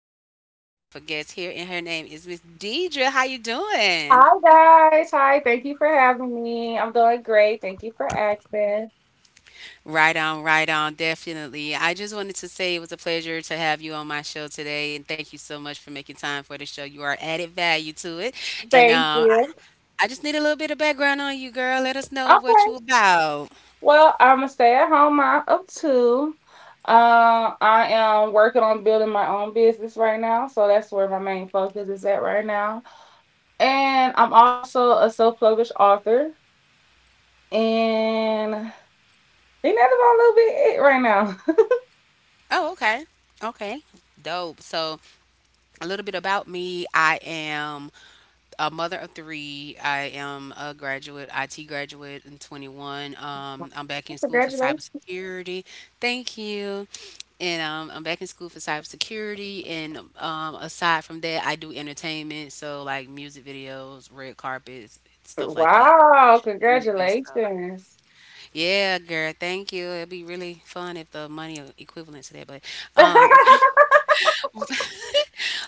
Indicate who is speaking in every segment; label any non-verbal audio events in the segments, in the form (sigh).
Speaker 1: a very special, beautiful guest here, and her name is Miss Deidre. How you doing?
Speaker 2: Hi guys. Hi. Thank you for having me. I'm doing great. Thank you for asking.
Speaker 1: Right on, right on, definitely. I just wanted to say it was a pleasure to have you on my show today, and thank you so much for making time for the show. You are added value to it, and
Speaker 2: Thank
Speaker 1: I
Speaker 2: you.
Speaker 1: I just need a little bit of background on you, girl. Let us know what you
Speaker 2: Okay.
Speaker 1: about.
Speaker 2: Well, I'm a stay-at-home mom of two. I am working on building my own business right now, so that's where my main focus is at right now. And I'm also a self-published author. And I think that's about a little bit it right now.
Speaker 1: Oh, okay, okay, dope. So a little bit about me. I am a mother of three. I am a graduate, IT graduate in 21. I'm back in
Speaker 2: (laughs)
Speaker 1: school for
Speaker 2: Congratulations.
Speaker 1: cybersecurity. Thank you. And I'm back in school for cybersecurity. And aside from that, I do entertainment. So, like music videos, red carpets, stuff like that,
Speaker 2: Wow,
Speaker 1: and movies. So,
Speaker 2: congratulations.
Speaker 1: yeah, girl, thank you. It'd be really fun if the money equivalent to that. But um, (laughs)
Speaker 2: (laughs)
Speaker 1: (laughs)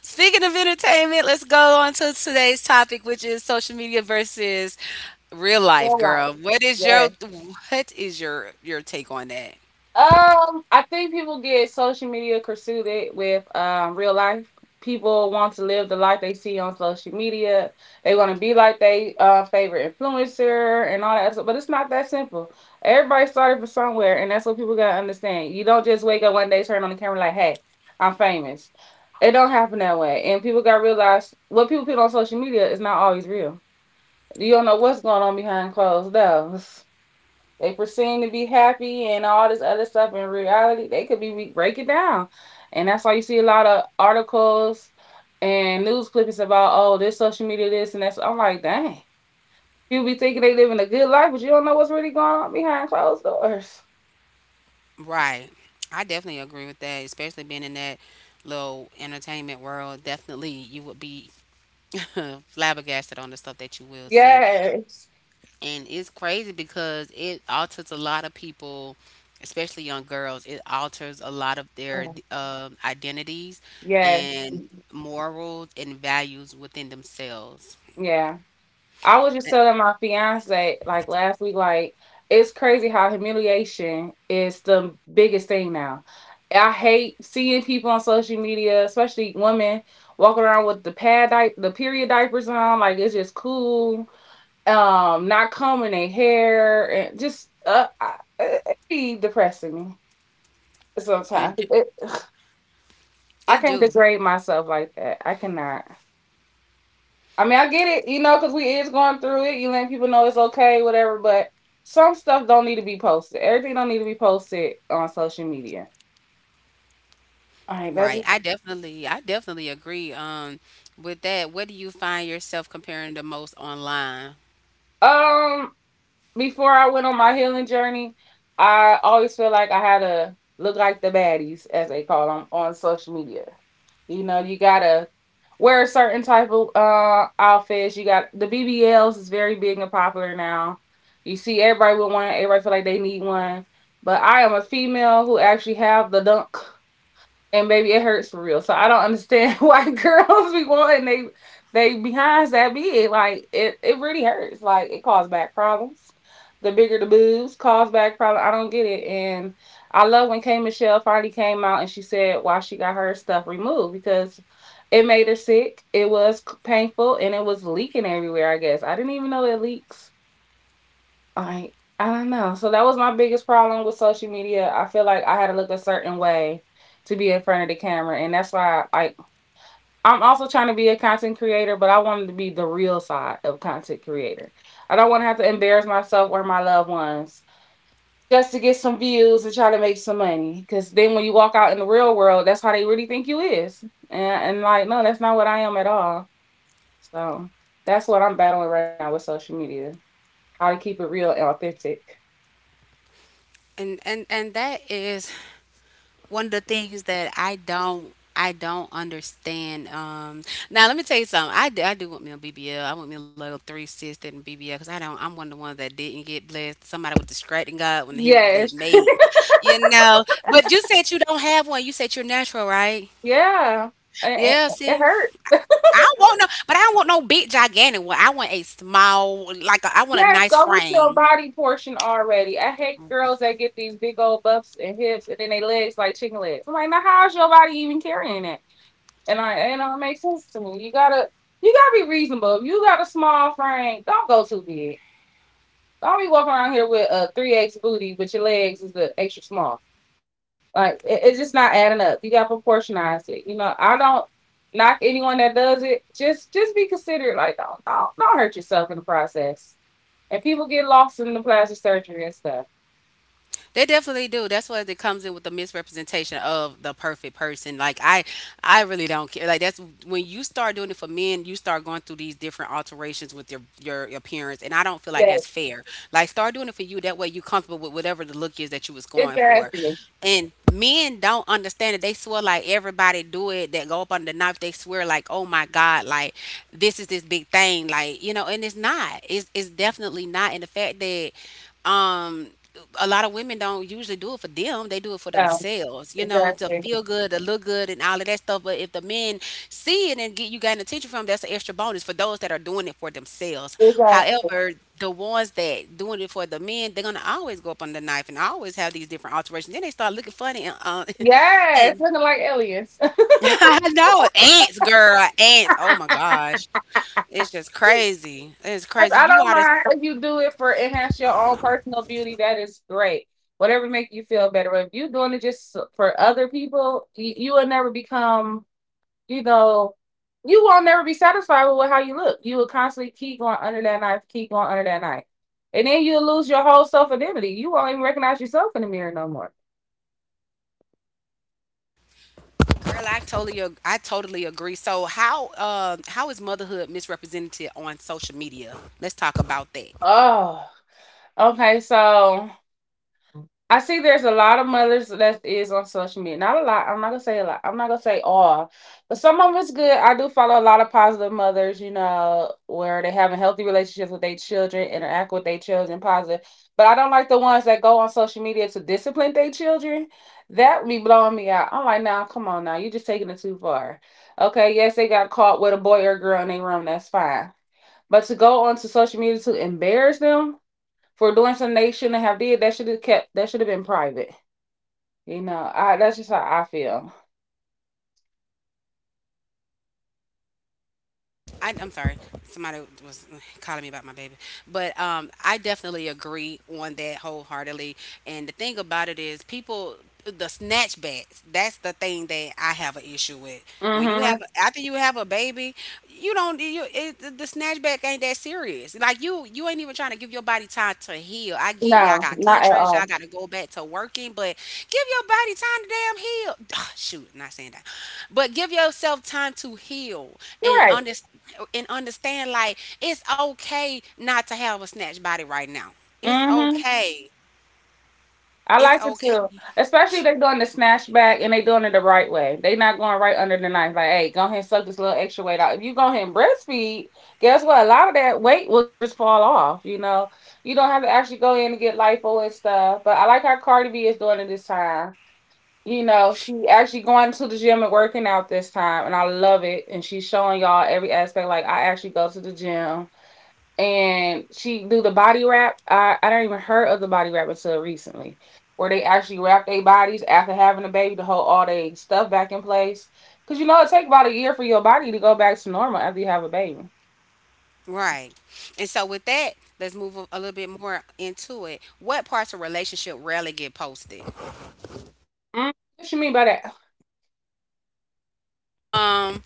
Speaker 1: Speaking of entertainment, let's go on to today's topic, which is social media versus real life,
Speaker 2: Well, like,
Speaker 1: girl. What is your
Speaker 2: yes.
Speaker 1: what is your take on that?
Speaker 2: I think people get social media consumed with real life. People want to live the life they see on social media. They want to be like they favorite influencer and all that stuff, but it's not that simple. Everybody started from somewhere, and that's what people gotta understand. You don't just wake up one day, turn on the camera like, "Hey, I'm famous." It don't happen that way. And people gotta realize what people put on social media is not always real. You don't know what's going on behind closed doors. They pretend to be happy and all this other stuff. In reality, they could be break it down, and that's why you see a lot of articles and news clippings about oh this social media this and that's. I'm like, dang, people be thinking they living a good life, but you don't know what's really going on behind closed doors.
Speaker 1: Right. I definitely agree with that, especially being in that little entertainment world. Definitely you would be (laughs) flabbergasted on the stuff that you will see.
Speaker 2: Yes,
Speaker 1: And it's crazy because it alters a lot of people, especially young girls. It alters a lot of their
Speaker 2: yes,
Speaker 1: identities
Speaker 2: yes,
Speaker 1: and morals and values within themselves.
Speaker 2: yeah. I was just telling my fiance like last week, like it's crazy how humiliation is the biggest thing now. I hate seeing people on social media, especially women, walking around with the the period diapers on. Like it's just cool. Not combing their hair and just it be depressing me
Speaker 1: and
Speaker 2: sometimes.
Speaker 1: it d-
Speaker 2: It, (sighs) I
Speaker 1: it
Speaker 2: can't
Speaker 1: do
Speaker 2: degrade myself like that. I cannot. I mean, I get it, you know, because we is going through it. You letting people know it's okay, whatever. But some stuff don't need to be posted. Everything don't need to be posted on social media. All right,
Speaker 1: Right,
Speaker 2: that's
Speaker 1: I definitely agree with that. What do you find yourself comparing the most online?
Speaker 2: um. Before I went on my healing journey, I always feel like I had to look like the baddies, as they call them, on social media. You know, you gotta wear a certain type of outfits. You got the BBLs is very big and popular now. You see everybody with one. Everybody feel like they need one. But I am a female who actually have the dunk and baby, it hurts for real. So I don't understand (laughs) why girls be wanting they behinds that big. Like it really hurts. Like it causes back problems. The bigger the boobs cause back problems. I don't get it. And I love when K Michelle finally came out and she said why she got her stuff removed because it made her sick. It was painful and it was leaking everywhere. I guess I didn't even know it leaks. I I don't know. So that was my biggest problem with social media. I feel like I had to look a certain way to be in front of the camera, and that's why like I'm also trying to be a content creator, but I wanted to be the real side of content creator. I don't want to have to embarrass myself or my loved ones just to get some views and try to make some money. Because then when you walk out in the real world, that's how they really think you is, and like no, that's not what I am at all. So that's what I'm battling right now with social media: how to keep it real and authentic.
Speaker 1: And that is one of the things that I don't understand. Now let me tell you something. I do want me a BBL. I want me a little three sister and BBL because I don't. I'm one of the ones that didn't get blessed. Somebody was distracting God when he they
Speaker 2: Yes.
Speaker 1: made, you know. But you said you don't have one. You said you're natural, right?
Speaker 2: Yeah,
Speaker 1: Yeah.
Speaker 2: it
Speaker 1: See,
Speaker 2: hurt.
Speaker 1: I don't want no, but I don't want no big gigantic one. I want a small, I want a
Speaker 2: Yeah,
Speaker 1: nice
Speaker 2: go with your
Speaker 1: frame.
Speaker 2: body portion already. I hate girls that get these big old buffs and hips, and then they legs like chicken legs. I'm like, now how's your body even carrying that? And it don't make sense to me. You gotta be reasonable. If you got a small frame, don't go too big. Don't be walking around here with a three X booty, but your legs is the extra small. Like it's just not adding up. You got to proportionize it. You know, I don't knock anyone that does it. Just be considerate. Like don't hurt yourself in the process. And people get lost in the plastic surgery and stuff.
Speaker 1: They definitely do. That's what it comes in with the misrepresentation of the perfect person. Like I really don't care. Like that's when you start doing it for men, you start going through these different alterations with your appearance, and I don't feel like
Speaker 2: Yeah,
Speaker 1: that's fair. Like start doing it for you. That way, you comfortable with whatever the look is that you was going for.
Speaker 2: exactly.
Speaker 1: And men don't understand it. They swear like everybody do it that go up under the knife. They swear like, oh my God, like this is this big thing. Like you know, and it's not. It's definitely not. And the fact that um, a lot of women don't usually do it for them. They do it for
Speaker 2: Um,
Speaker 1: themselves, you know, to
Speaker 2: exactly.
Speaker 1: feel good, to look good, and all of that stuff. But if the men see it and get you got attention from, 'em, that's an extra bonus for those that are doing it for themselves.
Speaker 2: Exactly.
Speaker 1: However, the ones that doing it for the men, they're gonna always go up on the knife and always have these different alterations. Then they start looking funny and (laughs)
Speaker 2: Yes,
Speaker 1: and
Speaker 2: looking like aliens.
Speaker 1: (laughs) I know ants, girl, ants. Oh my gosh, it's just crazy.
Speaker 2: (laughs)
Speaker 1: It's
Speaker 2: yes,
Speaker 1: crazy.
Speaker 2: I
Speaker 1: You
Speaker 2: don't
Speaker 1: ought to.
Speaker 2: mind if you do it for enhance your own personal beauty. That is great. Whatever make you feel better. But if you're doing it for other people, you will never become you know, you won't never be satisfied with how you look. You will constantly keep going under that knife, keep going under that knife. And then you'll lose your whole self identity. You won't even recognize yourself in the mirror no more.
Speaker 1: Girl, I totally agree. So how is motherhood misrepresented on social media? Let's talk about that.
Speaker 2: Oh, okay, so I see there's a lot of mothers that is on social media. Not a lot. I'm not gonna say a lot. I'm not gonna say all, but some of it's good. I do follow a lot of positive mothers, you know, where they having healthy relationships with their children, interact with their children positive. But I don't like the ones that go on social media to discipline their children. That would be blowing me out. I'm like, now, come on, now, you're just taking it too far. Okay, yes, they got caught with a boy or a girl in their room. That's fine. But to go onto social media to embarrass them, for doing something they shouldn't have did. That should have kept. That should have been private. You know, I that's just how I feel.
Speaker 1: I'm sorry, somebody was calling me about my baby, but I definitely agree on that wholeheartedly. And the thing about it is, people the snatchbacks. That's the thing that I have an issue with. When you
Speaker 2: Mm-hmm.
Speaker 1: have after you have a baby, you don't you it, the snatchback ain't that serious. Like you ain't even trying to give your body time to heal. I get y'all
Speaker 2: No,
Speaker 1: got
Speaker 2: not at
Speaker 1: contracts, y'all
Speaker 2: all.
Speaker 1: got to go back to working, but give your body time to damn heal. (sighs) Shoot, not saying that, but give yourself time to heal
Speaker 2: You're
Speaker 1: and
Speaker 2: right.
Speaker 1: understand and understand like it's okay not to have a snatch body right now. It's
Speaker 2: Mm-hmm.
Speaker 1: okay.
Speaker 2: I
Speaker 1: It's
Speaker 2: like to
Speaker 1: okay.
Speaker 2: too, especially if they're doing the snatchback and they doing it the right way. They not going right under the knife. Like, hey, go ahead and suck this little extra weight out. If you go ahead and breastfeed, guess what? A lot of that weight will just fall off. You know, you don't have to actually go in and get lipo and stuff. But I like how Cardi B is doing it this time you know, she actually going to the gym and working out this time, and I love it. And she's showing y'all every aspect. Like I actually go to the gym, and she do the body wrap. I don't even heard of the body wrap until recently, where they actually wrap their bodies after having a baby to hold all their stuff back in place. Cause you know it take about a year for your body to go back to normal after you have a baby.
Speaker 1: Right. And so with that, let's move a little bit more into it. What parts of relationship rarely get posted?
Speaker 2: Mm, what you mean by that?
Speaker 1: Um,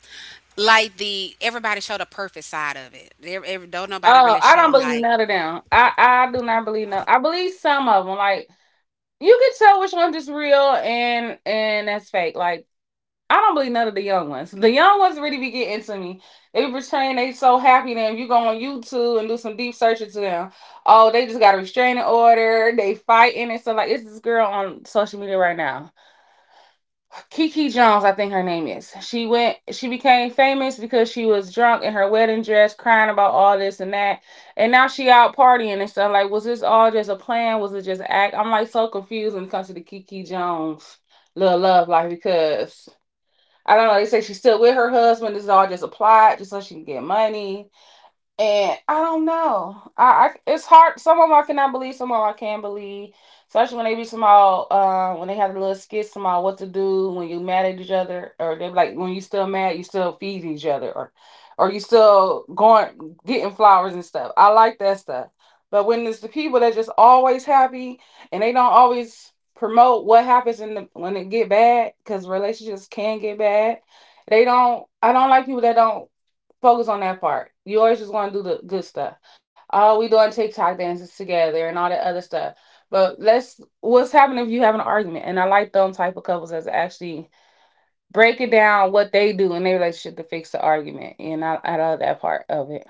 Speaker 1: like the everybody showed the perfect side of it. There, don't nobody
Speaker 2: Oh,
Speaker 1: really
Speaker 2: I
Speaker 1: show,
Speaker 2: don't believe
Speaker 1: like.
Speaker 2: none of them. I do not believe none. I believe some of them, like you could tell which one's is real and that's fake. Like I don't believe none of the young ones. The young ones really be getting to me. They be pretending they so happy that if you go on YouTube and do some deep searching to them, oh they just got a restraining order, they fighting and stuff like it's this girl on social media right now. Kiki Jones, I think her name is. She became famous because she was drunk in her wedding dress, crying about all this and that. And now she out partying and stuff. Like, was this all just a plan? Was it just an act? I'm like so confused when it comes to the Kiki Jones little love life because I don't know, they say she's still with her husband. This is all just a plot just so she can get money and I don't know. I it's hard. Some of them I cannot believe. Some of them I can believe. Especially when they be small. When they have the little skits some all what to do when you mad at each other, or they be like when you still mad, you still feeding each other, or you still going getting flowers and stuff. I like that stuff. But when it's the people that just always happy and they don't always promote what happens in the when it get bad, because relationships can get bad. They don't. I don't like people that don't focus on that part. You always just want to do the good stuff. Oh, we doing TikTok dances together and all that other stuff. But let's what's happening if you have an argument? And I like them type of couples that's actually breaking down what they do in their relationship to fix the argument. I love that part of it.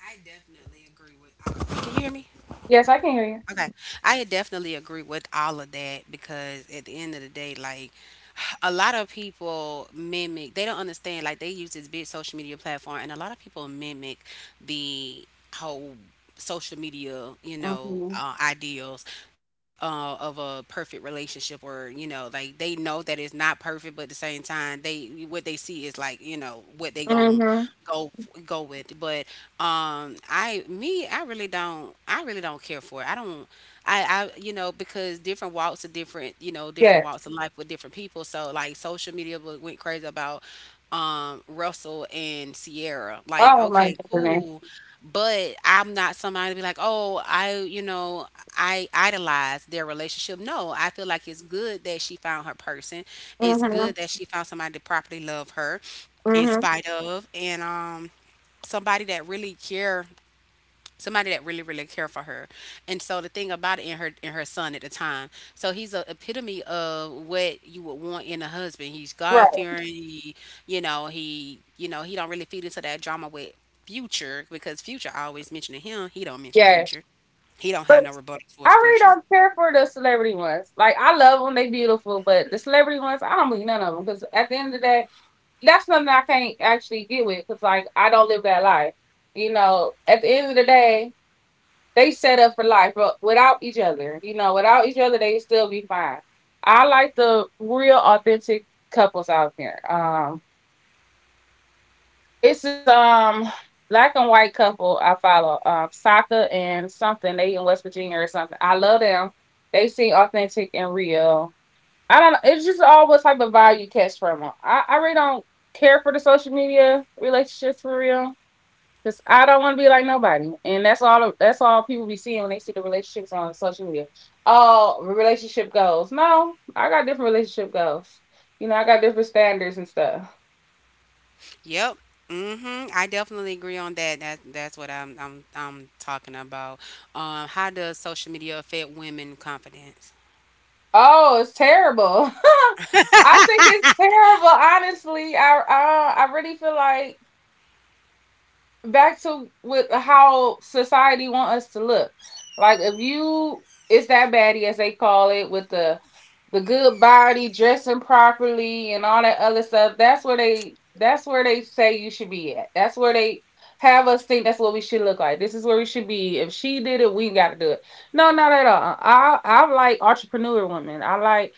Speaker 1: I definitely agree with. Can you hear me?
Speaker 2: Yes, I can hear you.
Speaker 1: Okay. I definitely agree with all of that because at the end of the day, like, (sighs) a lot of people mimic, they don't understand, like they use this big social media platform and a lot of people mimic the whole social media, you know,
Speaker 2: Mm-hmm.
Speaker 1: ideals of a perfect relationship, or, you know, like they know that it's not perfect, but at the same time, they, what they see is like, you know, what they gon'
Speaker 2: Mm-hmm.
Speaker 1: go, go with. But I really don't. I really don't care for it. I don't. I you know because different walks of different, you know, different walks
Speaker 2: Yes.
Speaker 1: of life with different people. So like social media went crazy about Russell and Sierra. Like
Speaker 2: Oh my
Speaker 1: okay,
Speaker 2: goodness.
Speaker 1: cool, but I'm not somebody to be like, oh, I you know I idolize their relationship. No, I feel like it's good that she found her person. It's good that
Speaker 2: Mm-hmm.
Speaker 1: she found somebody to properly love her in
Speaker 2: Mm-hmm.
Speaker 1: spite of, and somebody that really care somebody that really really care for her. And so the thing about it, in her son at the time, so he's a epitome of what you would want in a husband. He's
Speaker 2: Right.
Speaker 1: god-fearing, he you know he you know he don't really feed into that drama with future, because future always mentioning him, he don't mention
Speaker 2: Yes.
Speaker 1: future, he don't have no
Speaker 2: But
Speaker 1: rebuttal
Speaker 2: I
Speaker 1: towards
Speaker 2: really
Speaker 1: future.
Speaker 2: don't care for the celebrity ones. Like I love them; they beautiful. But the celebrity ones, I don't believe none of them because at the end of the day, that's something I can't actually get with because like I don't live that life. You know, at the end of the day, they set up for life. But without each other, you know, without each other, they still be fine. I like the real, authentic couples out there. This is black and white couple I follow, Saka and something. They in West Virginia or something. I love them. They seem authentic and real. I don't know. It's just all what type of vibe you catch from them. I really don't care for the social media relationships for real. Cause I don't want to be like nobody, and that's all. That's all people be seeing when they see the relationships on social media. Oh, relationship goals. No, I got different relationship goals. You know, I got different standards and stuff.
Speaker 1: Yep. Mm-hmm. I definitely agree on that. That's what I'm talking about. How does social media affect women confidence?
Speaker 2: Oh, it's terrible. (laughs) I think it's terrible. Honestly, I really feel like back to with how society want us to look. Like if you, it's that baddie as they call it with the good body, dressing properly, and all that other stuff. That's where they. That's where they say you should be at. That's where they have us think that's what we should look like. This is where we should be. If she did it, we got to do it. No, not at all. I like entrepreneur women. I like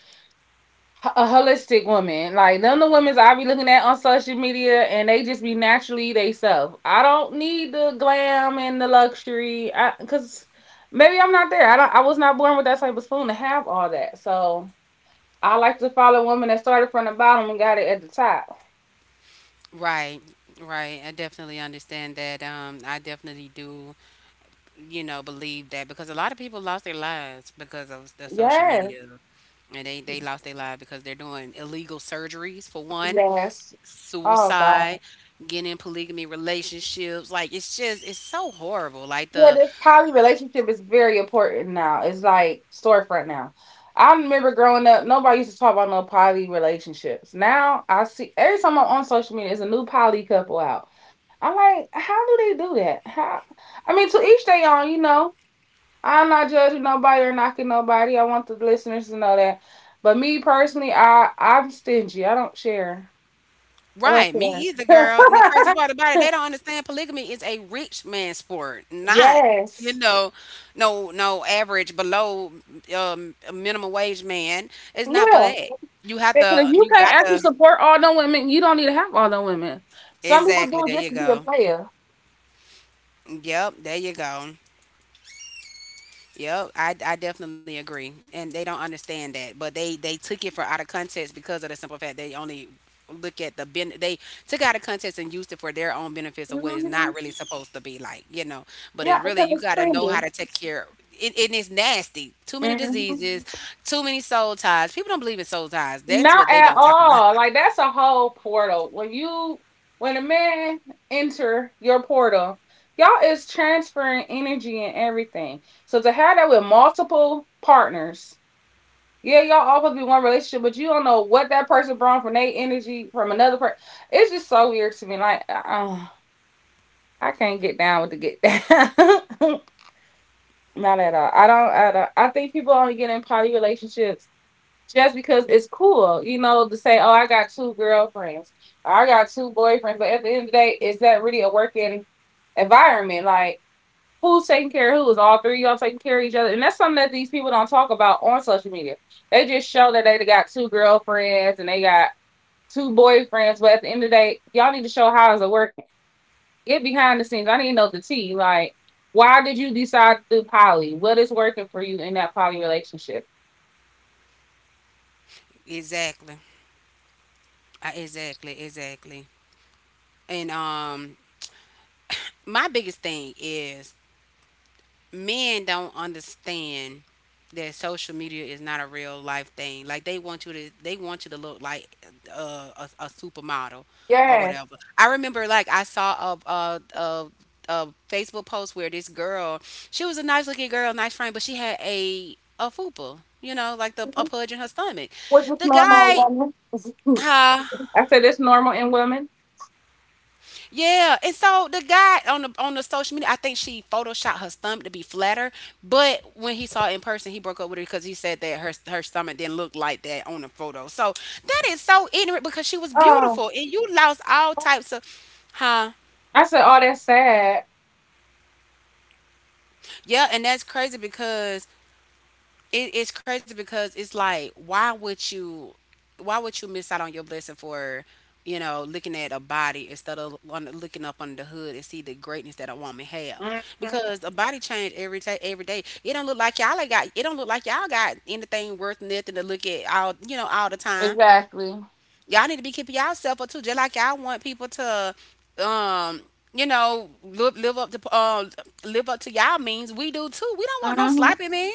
Speaker 2: a holistic woman. Like none of the women's I be looking at on social media and they just be naturally they self. I don't need the glam and the luxury. I cause maybe I'm not there. I was not born with that type of spoon to have all that. So I like to follow women that started from the bottom and got it at the top.
Speaker 1: Right, right. I definitely understand that. I definitely do, you know, believe that because a lot of people lost their lives because of the social media.
Speaker 2: Yes.
Speaker 1: And they lost their lives because they're doing illegal surgeries for one,
Speaker 2: Yes. Oh God.
Speaker 1: suicide, getting in polygamy relationships. Like it's just it's so horrible. Like
Speaker 2: Yeah,
Speaker 1: the
Speaker 2: this poly relationship is very important now. It's like storefront now. I remember growing up, nobody used to talk about no poly relationships. Now I see every time I'm on social media, there's a new poly couple out. I'm like, how do they do that? How? I mean, to each their own, you know. I'm not judging nobody or knocking nobody. I want the listeners to know that. But me personally, I'm stingy. I don't share. I don't
Speaker 1: Right, me either,
Speaker 2: share.
Speaker 1: girl. And the crazy part about it, they don't understand polygamy is a rich man sport,
Speaker 2: (laughs)
Speaker 1: not, you
Speaker 2: Yes.
Speaker 1: know, no average below minimum wage man. It's not for
Speaker 2: Yeah.
Speaker 1: that. You have
Speaker 2: Because if
Speaker 1: to,
Speaker 2: you
Speaker 1: you
Speaker 2: can't
Speaker 1: got
Speaker 2: actually
Speaker 1: to.
Speaker 2: support all them women, you don't need to have all them women. Some people
Speaker 1: Exactly.
Speaker 2: do it
Speaker 1: There
Speaker 2: just
Speaker 1: you
Speaker 2: to be a
Speaker 1: go.
Speaker 2: player.
Speaker 1: Yep. There you go. Yep, I definitely agree, and they don't understand that, but they took it for out of context because of the simple fact they only look at the ben they took it out of context and used it for their own benefits of what it's
Speaker 2: Hmm.
Speaker 1: not really supposed to be like, you know. But
Speaker 2: Yeah,
Speaker 1: it's really
Speaker 2: because
Speaker 1: you
Speaker 2: it's
Speaker 1: got to know how
Speaker 2: trendy.
Speaker 1: to take care. It's nasty. Too many
Speaker 2: Hmm.
Speaker 1: diseases, too many soul ties. People don't believe in soul ties. That's what
Speaker 2: Not
Speaker 1: they
Speaker 2: at
Speaker 1: don't talk about.
Speaker 2: all. Like that's a whole portal. When you when a man enter your portal, y'all is transferring energy and everything. So to have that with multiple partners, yeah, y'all all supposed to be one relationship, but you don't know what that person brought from their energy from another person. It's just so weird to me. Like, I can't get down with the get down. (laughs) Not at all. I don't. I think people only get in poly relationships just because it's cool, you know, to say, "Oh, I got two girlfriends, or I got two boyfriends." But at the end of the day, is that really a working environment? Like, who's taking care of who? Is all three of y'all taking care of each other? And that's something that these people don't talk about on social media. They just show that they got two girlfriends and they got two boyfriends. But at the end of the day, y'all need to show how is it working get behind the scenes. I need to know the tea. Like, why did you decide to do poly? What is working for you in that poly relationship?
Speaker 1: (laughs) Exactly, exactly, exactly. And my biggest thing is men don't understand that social media is not a real life thing. Like they want you to look like a supermodel or
Speaker 2: Yeah.
Speaker 1: whatever. I remember like I saw a Facebook post where this girl, she was a nice looking girl, nice frame, but she had a fupa, you know, like the a
Speaker 2: What
Speaker 1: pudge in her stomach.
Speaker 2: was
Speaker 1: The
Speaker 2: normal
Speaker 1: guy,
Speaker 2: woman?
Speaker 1: huh?
Speaker 2: (laughs) I said it's normal in women.
Speaker 1: Yeah, and so the guy on the social media, I think she photoshopped her stomach to be flatter, but when he saw it in person, he broke up with her because he said that her stomach didn't look like that on the photo. So that is so ignorant because she was
Speaker 2: Oh.
Speaker 1: beautiful, and you lost all types of, huh?
Speaker 2: I said, oh, that's sad.
Speaker 1: Yeah, and that's crazy because it's crazy because it's like why would you miss out on your blessing for looking at a body instead of looking up under the hood and see the greatness that a woman have,
Speaker 2: Mm-hmm.
Speaker 1: because a body change every day, every day. It don't look like y'all ain't got it, don't look like y'all got anything worth nothing to look at all, all the time.
Speaker 2: Exactly.
Speaker 1: Y'all need to be keeping y'allself up too, just like y'all want people to um live up to live up to y'all means. We do too, we don't want no
Speaker 2: Mm-hmm.
Speaker 1: sloppy man.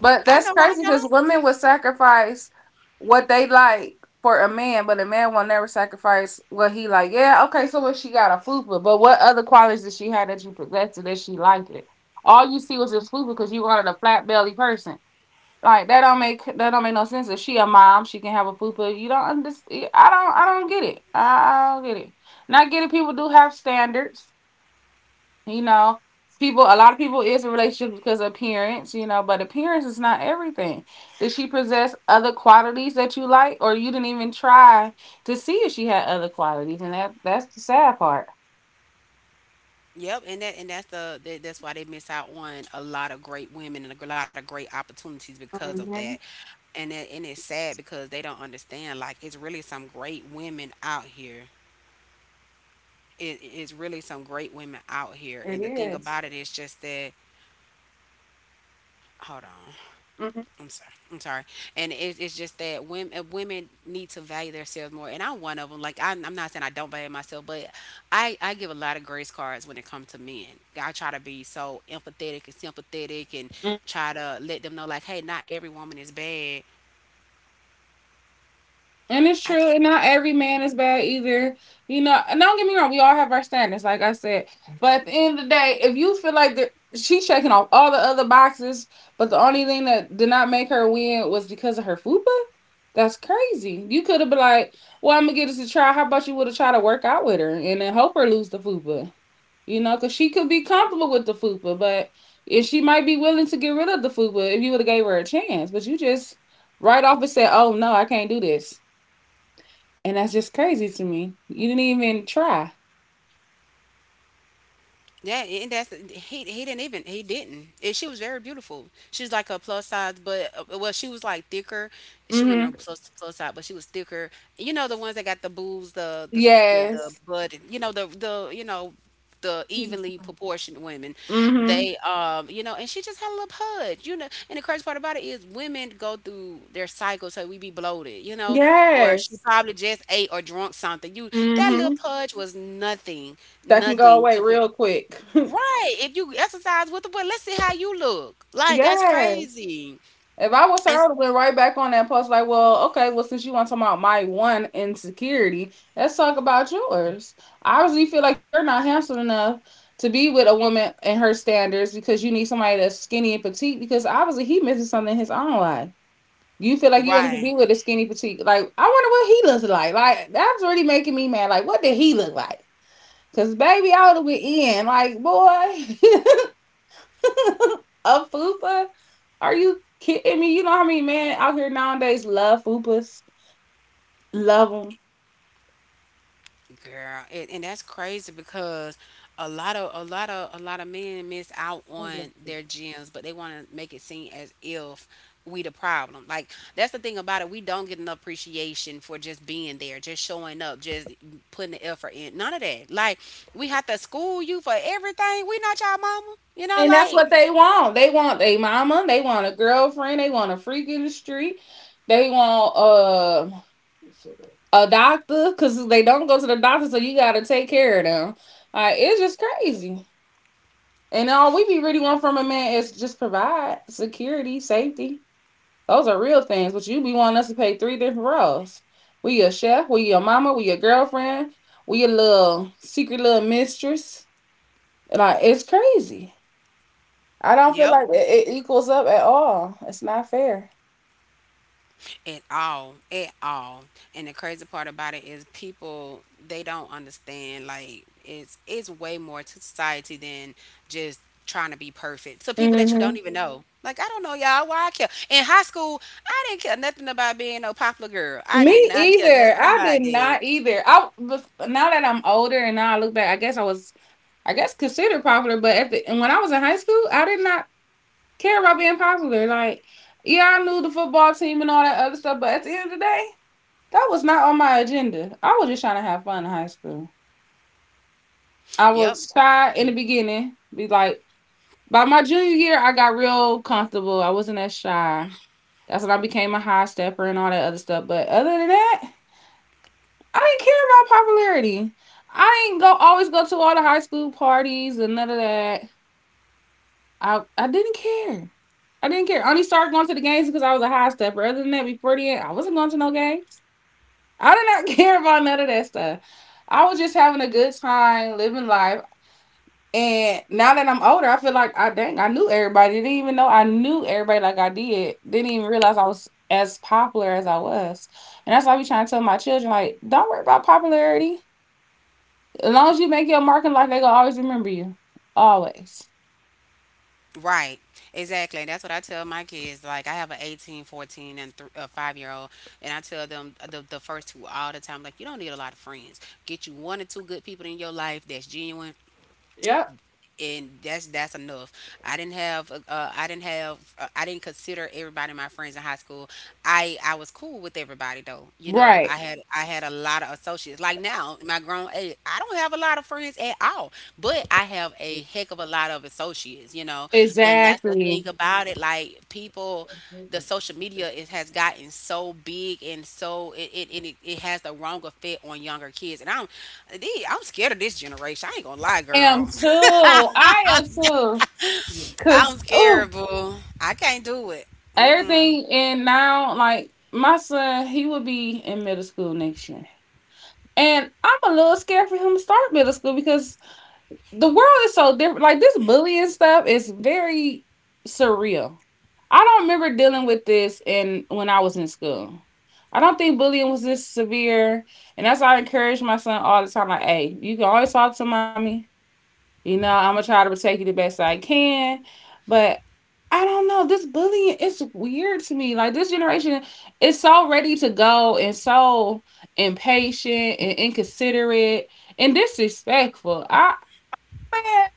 Speaker 2: But
Speaker 1: I
Speaker 2: that's
Speaker 1: know I
Speaker 2: crazy because
Speaker 1: don't.
Speaker 2: women would sacrifice what they like for a man, but a man will never sacrifice what he like. Yeah, okay, so what she got a fupa, but what other qualities did she have that you possessed and that she liked it? All you see was this fupa because you wanted a flat belly person. Like that don't make no sense. If she a mom, she can have a fupa. You don't understand. I don't. I don't get it. I don't get it. Not getting people do have standards. You know, people, a lot of people is in relationships because of appearance, you know, but appearance is not everything. Does she possess other qualities that you like, or you didn't even try to see if she had other qualities? And that's the sad part.
Speaker 1: Yep, and that and that's why they miss out on a lot of great women and a lot of great opportunities because of that.
Speaker 2: Mhm.
Speaker 1: And that, and it's sad because they don't understand, like it's really some great women out here. It's really some great women out here. And
Speaker 2: It
Speaker 1: the thing about
Speaker 2: is.
Speaker 1: it is just that, hold on.
Speaker 2: Mhm.
Speaker 1: I'm sorry. I'm sorry. And it's just that women need to value themselves more. And I'm one of them. Like I'm not saying I don't value myself, but I give a lot of grace cards when it comes to men. I try to be so empathetic and sympathetic and try to let them know like, hey, not every woman is bad.
Speaker 2: And it's
Speaker 1: I
Speaker 2: true,
Speaker 1: c-
Speaker 2: and not every man is bad either. You know, and don't get me wrong, we all have our standards, like I said. But at the end of the day, if you feel like she's checking off all the other boxes, but the only thing that did not make her win was because of her fupa, that's crazy. You could have been like, well, I'm going to give this a try. How about you would have tried to work out with her and then help her lose the fupa? You know, because she could be comfortable with the fupa, but if she might be willing to get rid of the fupa if you would have gave her a chance. But you just right off and said, oh, no, I can't do this and that's just crazy to me. You didn't even try.
Speaker 1: Yeah, and that's he. He didn't even he didn't. And she was very beautiful. She was like a plus size, but well, she was like thicker. She wasn't a
Speaker 2: Mm-hmm.
Speaker 1: plus plus size, but she was thicker. You know the ones that got the boobs, the
Speaker 2: Yes.
Speaker 1: butt. You know the evenly proportioned women.
Speaker 2: Mm-hmm.
Speaker 1: They and she just had a little pud. You know, and the crazy part about it is women go through their cycle, so we be bloated. You know, or she
Speaker 2: Yes.
Speaker 1: probably just ate or drunk something. You, that little
Speaker 2: Mm-hmm.
Speaker 1: pudge was nothing,
Speaker 2: That can go
Speaker 1: nothing
Speaker 2: away
Speaker 1: to put.
Speaker 2: real quick. (laughs)
Speaker 1: Right. If you exercise with the boy, let's see how you look. Like that's
Speaker 2: Yeah.
Speaker 1: crazy.
Speaker 2: If I was her, I
Speaker 1: It's
Speaker 2: would have went right back on that post, like, well, okay, well, since you want to talk about my one insecurity, let's talk about yours. I obviously feel like you're not handsome enough to be with a woman and her standards because you need somebody that's skinny and petite because obviously he misses something in his own life. You feel like you only can
Speaker 1: right,
Speaker 2: be with a skinny petite. Like, I wonder what he looks like. Like, that's really making me mad. Like, what did he look like? Cause baby, I would have been in. Like, boy, (laughs) a fupa? Are you kidding me? You know how many men out here nowadays love fupas? Love
Speaker 1: girl. And that's crazy because a lot of men miss out on
Speaker 2: them.
Speaker 1: their gyms, but they want to make it seem as if we the problem. Like that's the thing about it. We don't get enough appreciation for just being there, just showing up, just putting the effort in. None of that. Like we have to school you for everything. We not your mama. You know,
Speaker 2: And that's
Speaker 1: like
Speaker 2: what they want. They want a mama. They want a girlfriend. They want a freak in the street. They want a doctor because they don't go to the doctor, so you got to take care of them. Like, it's just crazy. And all we be really want from a man is just provide security, safety. Those are real things, but you be wanting us to pay three different roles. We your chef, we your mama, we your girlfriend, we your little secret little mistress. Like, it's crazy. I don't feel
Speaker 1: yep.
Speaker 2: like it equals up at all. It's not fair.
Speaker 1: At all, at all. And the crazy part about it is people, they don't understand, like it's way more to society than just trying to be perfect, so people that you don't
Speaker 2: Hmm.
Speaker 1: even know. Like I don't know y'all, why I care? In high school I didn't care nothing about being no popular girl, I did
Speaker 2: Me
Speaker 1: not care
Speaker 2: either.
Speaker 1: nothing
Speaker 2: I
Speaker 1: about
Speaker 2: did
Speaker 1: that.
Speaker 2: not either. I bef- now that I'm older and now I look back, I guess I was, I guess considered popular. But at the and when I was in high school, I did not care about being popular. Like, yeah, I knew the football team and all that other stuff, but at the end of the day, that was not on my agenda. I was just trying to have fun in high school. I
Speaker 1: Yep.
Speaker 2: was shy in the beginning, be like. By my junior year, I got real comfortable. I wasn't that shy. That's when I became a high stepper and all that other stuff. But other than that, I didn't care about popularity. I didn't go always go to all the high school parties and none of that. I didn't care. I didn't care. I only started going to the games because I was a high stepper. Other than that, before the end, I wasn't going to no games. I did not (laughs) care about none of that stuff. I was just having a good time, living life. And now that I'm older, I feel like I dang, I knew everybody. Didn't even know I knew everybody like I did. Didn't even realize I was as popular as I was. And that's why I be trying to tell my children, like, don't worry about popularity. As long as you make your mark in life, they gonna always remember you. Always.
Speaker 1: Right. Exactly. And that's what I tell my kids. Like I have an 18, 14, and a 5-year-old, and I tell them the first two all the time, like you don't need a lot of friends. Get you one or two good people in your life that's genuine,
Speaker 2: Yep.
Speaker 1: and that's enough. I didn't have I didn't consider everybody my friends in high school. I was cool with everybody though. You know,
Speaker 2: Right.
Speaker 1: I had a lot of associates. Like now, in my grown age, I don't have a lot of friends at all, but I have a heck of a lot of associates, you know. And that's the
Speaker 2: Exactly.
Speaker 1: thing about it, like people, the social media, it has gotten so big, and so it, and it it has the wrong effect on younger kids, and I'm scared of this generation. I ain't gonna lie,
Speaker 2: Am
Speaker 1: girl.
Speaker 2: too. I am too.
Speaker 1: I'm
Speaker 2: Cause oh,
Speaker 1: scared, boo. I can't do it.
Speaker 2: everything and now like my son, he will be in middle school next year. And I'm a little scared for him to start middle school because the world is so different. Like this bullying stuff is very surreal. I don't remember dealing with this in when I was in school. I don't think bullying was this severe. And that's why I encourage my son all the time. Like, hey, you can always talk to mommy. You know, I'm gonna try to protect you the best I can, but I don't know. This bullying is weird to me. Like this generation is so ready to go and so impatient and inconsiderate and disrespectful. I man,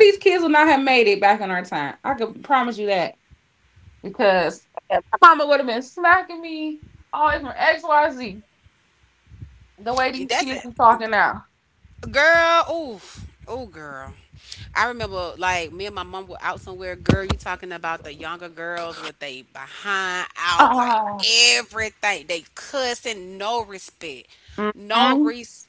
Speaker 2: these kids would not have made it back in our time. I can promise you that because my mama would have been smacking me all the way from XYZ. The way these
Speaker 1: That's
Speaker 2: kids
Speaker 1: it,
Speaker 2: are talking now.
Speaker 1: girl. Ooh, oh, girl. I remember like me and my mom were out somewhere. Girl, you talking about the younger girls with they behind out, like
Speaker 2: Ah.
Speaker 1: everything. They cussing, no respect, no
Speaker 2: Hmm.
Speaker 1: respect.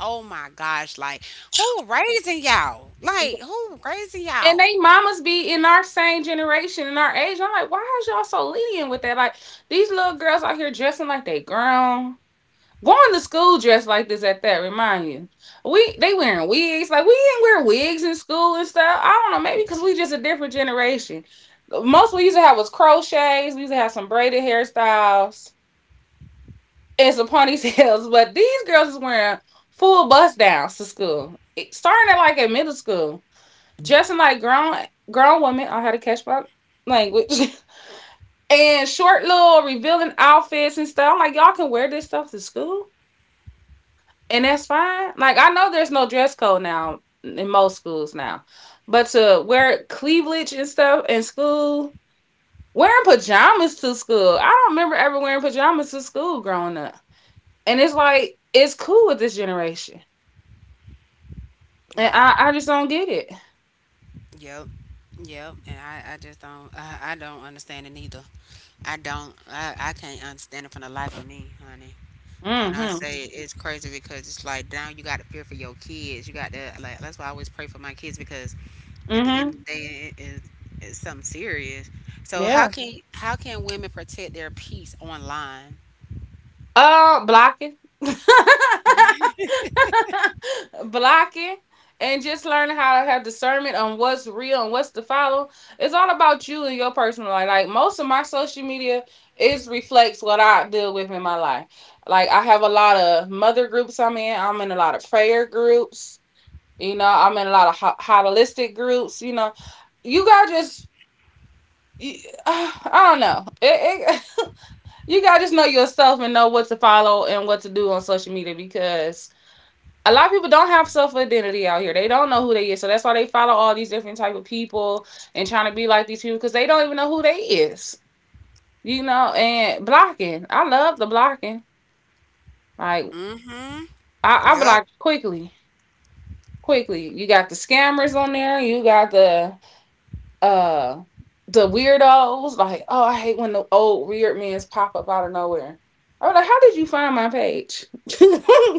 Speaker 1: Oh my gosh, like who raising y'all? Like who raising
Speaker 2: And
Speaker 1: y'all?
Speaker 2: they mamas be in our same generation, in our age. I'm like, why is y'all so lenient with that? Like these little girls out here dressing like they grown, going to school dressed like this. At that, remind you, we they wearing wigs. Like we didn't wear wigs in school and stuff. I don't know, maybe because we just a different generation. Most we used to have was crochets. We used to have some braided hairstyles and some ponytails. (laughs) But these girls is wearing full bust downs to school, starting at like at middle school dressing like grown women on how to catch my language (laughs) and short little revealing outfits and stuff. I'm like, y'all can wear this stuff to school and that's fine. Like I know there's no dress code now in most schools now. But to wear cleavage and stuff in school, wearing pajamas to school. I don't remember ever wearing pajamas to school growing up. And it's like it's cool with this generation. And
Speaker 1: Right.
Speaker 2: I just don't get it.
Speaker 1: Yep. Yep. And I just don't, I don't understand it either. I don't. I can't understand it for the life of me, honey. When I
Speaker 2: Mm-hmm.
Speaker 1: say it, it's crazy because it's like now you got to fear for your kids. You got to like. That's why I always pray for my kids, because at the end of
Speaker 2: Mm-hmm.
Speaker 1: the day, it is it's something serious. So how
Speaker 2: Yeah.
Speaker 1: can how can women protect their peace online?
Speaker 2: Blocking, (laughs) blocking, and just learning how to have discernment on what's real and what's to follow. It's all about you and your personal life. Like most of my social media is reflects what I deal with in my life. Like I have a lot of mother groups I'm in. I'm in a lot of prayer groups. You know, I'm in a lot of holistic groups. You know, you got just. you- (sighs) I don't know. It, you gotta just know yourself and know what to follow and what to do on social media because a lot of people don't have self identity out here. They don't know who they is, so that's why they follow all these different type of people and trying to be like these people because they don't even know who they is. You know, and blocking. I love the blocking. Like
Speaker 1: Mm-hmm.
Speaker 2: I
Speaker 1: Yep.
Speaker 2: block quickly, quickly. You got the scammers on there. You got uh the weirdos like oh I hate when the old weird men pop up out of nowhere. I was like, how did you find my page? (laughs) I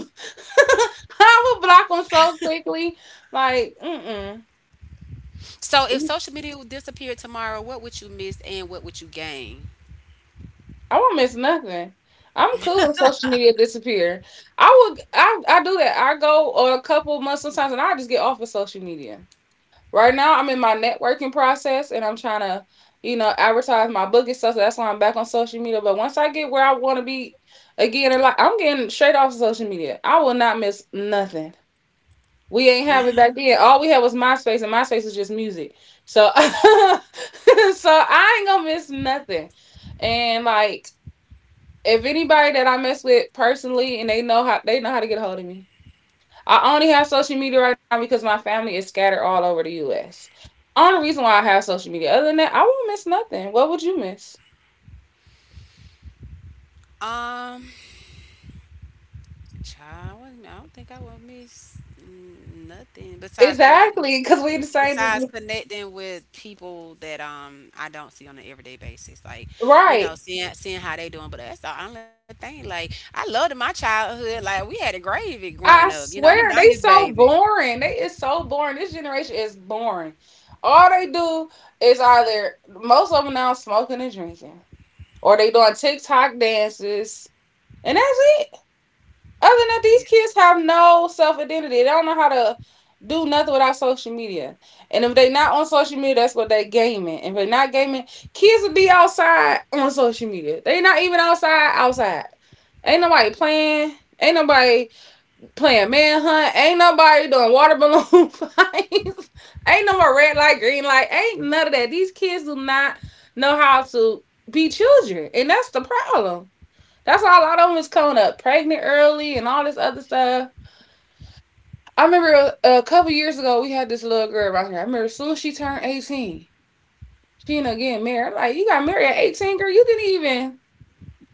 Speaker 2: would block them so quickly. Like mm-mm.
Speaker 1: So if
Speaker 2: I
Speaker 1: social media would disappear tomorrow, what would you miss and what would you gain?
Speaker 2: won't miss nothing. I'm cool if social media disappear. I do that. I go or a couple months sometimes, and I just get off of social media. Right now, I'm in my networking process and I'm trying to, you know, advertise my book and stuff. So that's why I'm back on social media. But once I get where I want to be again, like I'm getting straight off of social media, I will not miss nothing. We ain't have it
Speaker 1: Yeah.
Speaker 2: back then. All we had was MySpace, and MySpace is just music. So, (laughs) so I ain't gonna miss nothing. And like, if anybody that I mess with personally, and they know how to get a hold of me. I only have social media right now because my family is scattered all over the US. Only reason why I have social media, other than that, I won't miss nothing. What would you miss?
Speaker 1: Um. Child, I don't think I would miss nothing besides connecting with,
Speaker 2: Exactly, because we the
Speaker 1: besides
Speaker 2: same.
Speaker 1: connecting with people that I don't see on an everyday basis. Like, you
Speaker 2: Right.
Speaker 1: know, seeing how they doing. But that's the only thing. Like, I loved my childhood. Like, we had a gravy growing
Speaker 2: I
Speaker 1: up. You know, I'm a
Speaker 2: swear
Speaker 1: nineties
Speaker 2: they so
Speaker 1: baby.
Speaker 2: boring. They is so boring. This generation is boring. All they do is either most of them now smoking and drinking, or they doing TikTok dances, and that's it. Other than that,
Speaker 1: Yeah.
Speaker 2: these kids have no self identity. They don't know how to do nothing without social media. And if they not on social media, that's what they gaming. If they not gaming, kids will be outside on social media. They not even outside outside. Ain't nobody playing. Ain't nobody playing manhunt. Ain't nobody doing water balloon (laughs) fights. Ain't no more red light, green light. Ain't none of that. These kids do not know how to be children, and that's the problem. That's why a lot of them is coming up pregnant early and all this other stuff. I remember a couple years ago we had this little girl around here. I remember as soon as she turned 18, she ended up getting married. I'm like, you got married at 18, girl.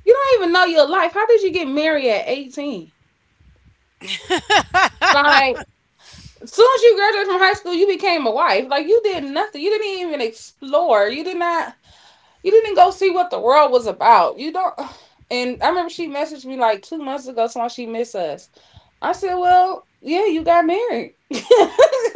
Speaker 2: You don't even know your life. How did you get married at 18? Like as soon as you graduated from high school, you became a wife. Like you did nothing. You didn't even explore. You didn't go see what the world was about. You don't. (sighs) And I remember she messaged me like 2 months ago, saying she missed us. I said, "Well, yeah, you got married." (laughs) I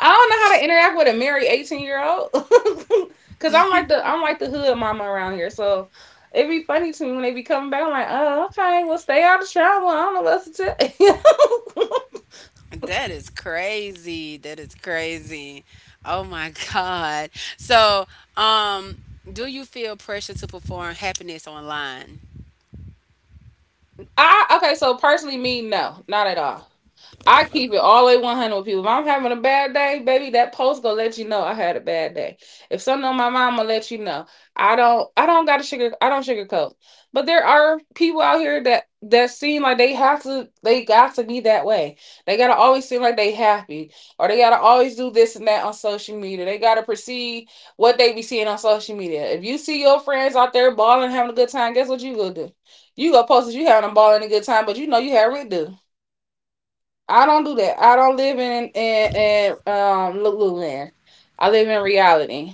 Speaker 2: don't know how to interact with a married 18 year old (laughs) because I'm like the hood mama around here. So it'd be funny to me when they be coming back. I'm like, "Oh, okay, well, stay out of trouble." I don't know what else to tell you.
Speaker 1: That is crazy. That is crazy. Oh my (laughs) God. So, um, do you feel pressure to perform happiness online?
Speaker 2: (laughs) I okay, so personally, me, no, not at all. I keep it all the way 100 with people. If I'm having a bad day, baby, that post gonna let you know I had a bad day. If something on my mind, gonna let you know. I don't got to sugar, I don't sugarcoat. But there are people out here that seem like they got to be that way. They gotta always seem like they happy, or they gotta always do this and that on social media. They gotta perceive what they be seeing on social media. If you see your friends out there balling, having a good time, guess what you gonna do? You gonna post that you having a ball and a good time, but you know you had redo. I don't do that. I don't live in Lululand. I live in reality.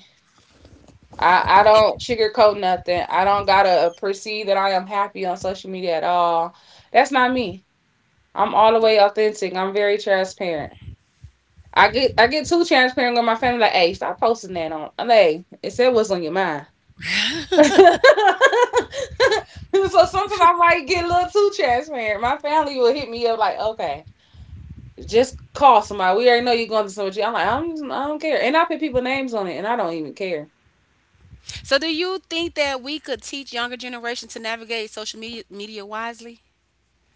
Speaker 2: I don't sugarcoat nothing. I don't gotta perceive that I am happy on social media at all. That's not me. I'm all the way authentic. I'm very transparent. I get too transparent with my family. Like, hey, stop posting that on. Like, "Hey, it said what's on your mind. (laughs) So sometimes I might get a little too transparent. My family will hit me up like, okay. Just call somebody. We already know you're going to somebody. I'm like, I don't care. And I put people names on it, and I don't even care.
Speaker 1: So, do you think that we could teach younger generation to navigate social media media wisely?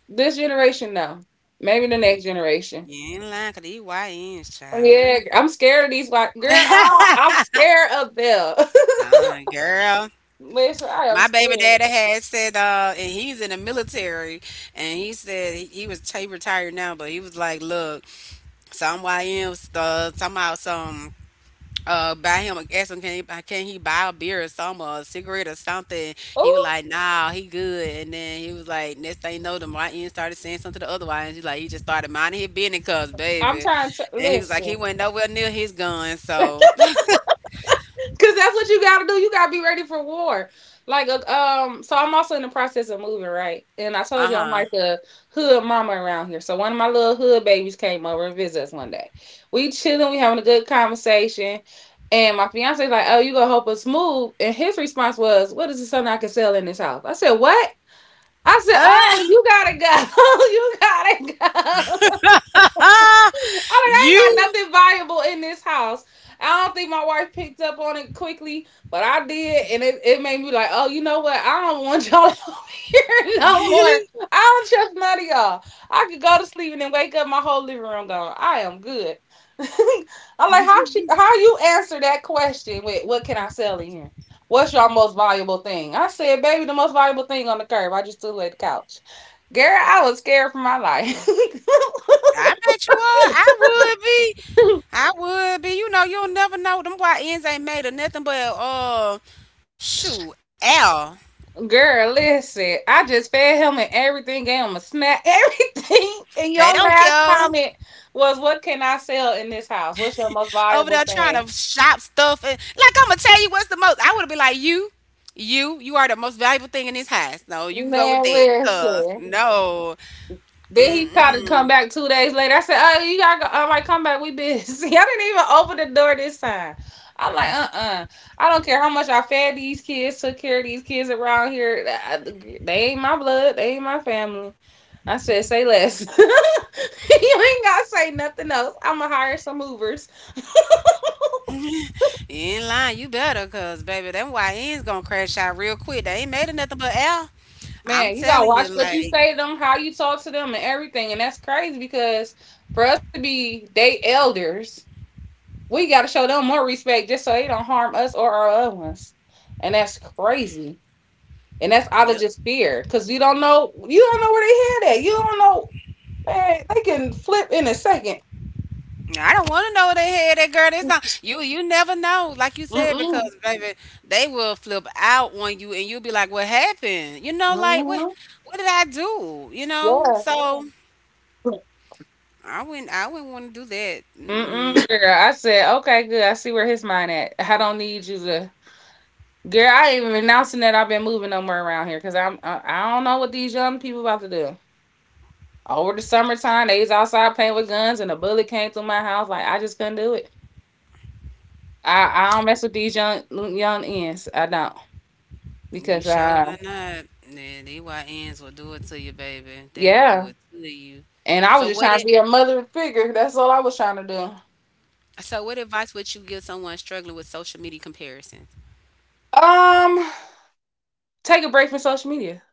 Speaker 2: This generation, no. Maybe the next generation.
Speaker 1: You ain't lying, 'cause these YNs, child.
Speaker 2: Yeah,
Speaker 1: Ooh. (laughs)
Speaker 2: I'm scared of these white girl. I'm scared of them.
Speaker 1: Girl,
Speaker 2: (laughs) Listen, I am
Speaker 1: my baby
Speaker 2: scared.
Speaker 1: daddy had said, and he was in the military, and he said he retired now, but he was like, look, some YNs, somehow some buy him, ask him can he buy a beer or some, or a cigarette or something. He was
Speaker 2: Oh,
Speaker 1: like, nah, he good. And then he was like, next thing you know, the YN started saying something to the other YN. He's like, he just started minding his business, cuz
Speaker 2: I'm
Speaker 1: baby.
Speaker 2: trying to
Speaker 1: And he was like,
Speaker 2: listen.
Speaker 1: he went nowhere near his gun, so (laughs)
Speaker 2: Cause that's what you gotta do. You gotta be ready for war. Like, so I'm also in the process of moving, right? And I told you I'm
Speaker 1: uh-huh.
Speaker 2: like a hood mama around here. So one of my little hood babies came over and visit us one day. We chilling, we having a good conversation, and my fiance's like, "Oh, you gonna help us move?" And his response was, "What is it something I can sell in this house?" I said, "What?" I said, "Oh,
Speaker 1: uh
Speaker 2: you gotta go. (laughs) You gotta go." I'm like,
Speaker 1: (laughs)
Speaker 2: I ain't got
Speaker 1: you
Speaker 2: nothing valuable in this house. I don't think my wife picked up on it quickly, but I did, and it made me like, oh, you know what? I don't want y'all (laughs) over here no more.
Speaker 1: (laughs)
Speaker 2: I don't trust none of y'all. I could go to sleep and then wake up, my whole living room gone. I am good. (laughs) I'm like, how she, how you answer that question with, what can I sell in here? What's your most valuable thing? I said, baby, the most valuable thing on the curb. I just threw away the couch. Girl, I was scared for my life.
Speaker 1: I bet you would. I would be, I would be. You know, you'll never know. Them YNs ain't made of nothing but shoot,
Speaker 2: (laughs)
Speaker 1: L.
Speaker 2: Girl, listen, I just fed him and everything, gave him a snack, (laughs) everything. And
Speaker 1: They
Speaker 2: your
Speaker 1: don't
Speaker 2: last
Speaker 1: care.
Speaker 2: comment was, what can I sell in this house? What's your most
Speaker 1: Over
Speaker 2: valuable
Speaker 1: there trying
Speaker 2: thing?
Speaker 1: to shop stuff. And, like I'm gonna tell you what's the most. I would be like, you, you are the most valuable thing in this house. No, you can go with
Speaker 2: Man,
Speaker 1: that. Cause
Speaker 2: listen.
Speaker 1: no,
Speaker 2: Then he tried to come
Speaker 1: mm-mm.
Speaker 2: back 2 days later. I said, "Oh, you gotta go." I'm like, "Come back, we busy." (laughs) I didn't even open the door this time. I'm like, I don't care how much I fed these kids, took care of these kids around here. They ain't my blood. They ain't my family." I said, "Say less." (laughs) You ain't gotta say nothing else. I'm gonna hire some movers. (laughs)
Speaker 1: (laughs) In line, you better. Cause baby, them YN's gonna crash out real quick. They ain't made of nothing but air. I'm
Speaker 2: Man, you gotta
Speaker 1: telling you,
Speaker 2: watch what you
Speaker 1: like,
Speaker 2: say to them, how you talk to them, and everything. And that's crazy because for us to be they elders. We got to show them more respect just so they don't harm us or our loved ones. And that's crazy. And that's out of
Speaker 1: yep.
Speaker 2: just fear because you don't know where they head at. You don't know, man, they can flip in a second.
Speaker 1: I don't want to know what they had, that girl. That's not you. You never know, like you said, because
Speaker 2: Mm-mm.
Speaker 1: baby, they will flip out on you, and you'll be like, "What happened?" You know, like what?
Speaker 2: Mm-hmm.
Speaker 1: What did I do? You know,
Speaker 2: Yeah.
Speaker 1: so I wouldn't. I wouldn't want to do that. Mm-mm.
Speaker 2: Mm-mm, girl. I said, okay, good. I see where his mind at. I don't need you to, girl. I ain't even announcing that I've been moving no more around here because I don't know what these young people about to do. Over the summertime, they was outside playing with guns, and a bullet came through my house. Like I just couldn't do it. I don't mess with these young young ends. I don't
Speaker 1: You
Speaker 2: because
Speaker 1: sure better not. Yeah, DYNs will do it to you, baby. They will do
Speaker 2: yeah.
Speaker 1: it to you.
Speaker 2: And I
Speaker 1: So
Speaker 2: was just
Speaker 1: what?
Speaker 2: trying to
Speaker 1: It,
Speaker 2: be a mother figure. That's all I was trying to do.
Speaker 1: so what advice would you give someone struggling with social media comparison?
Speaker 2: Um, Take a break from social media.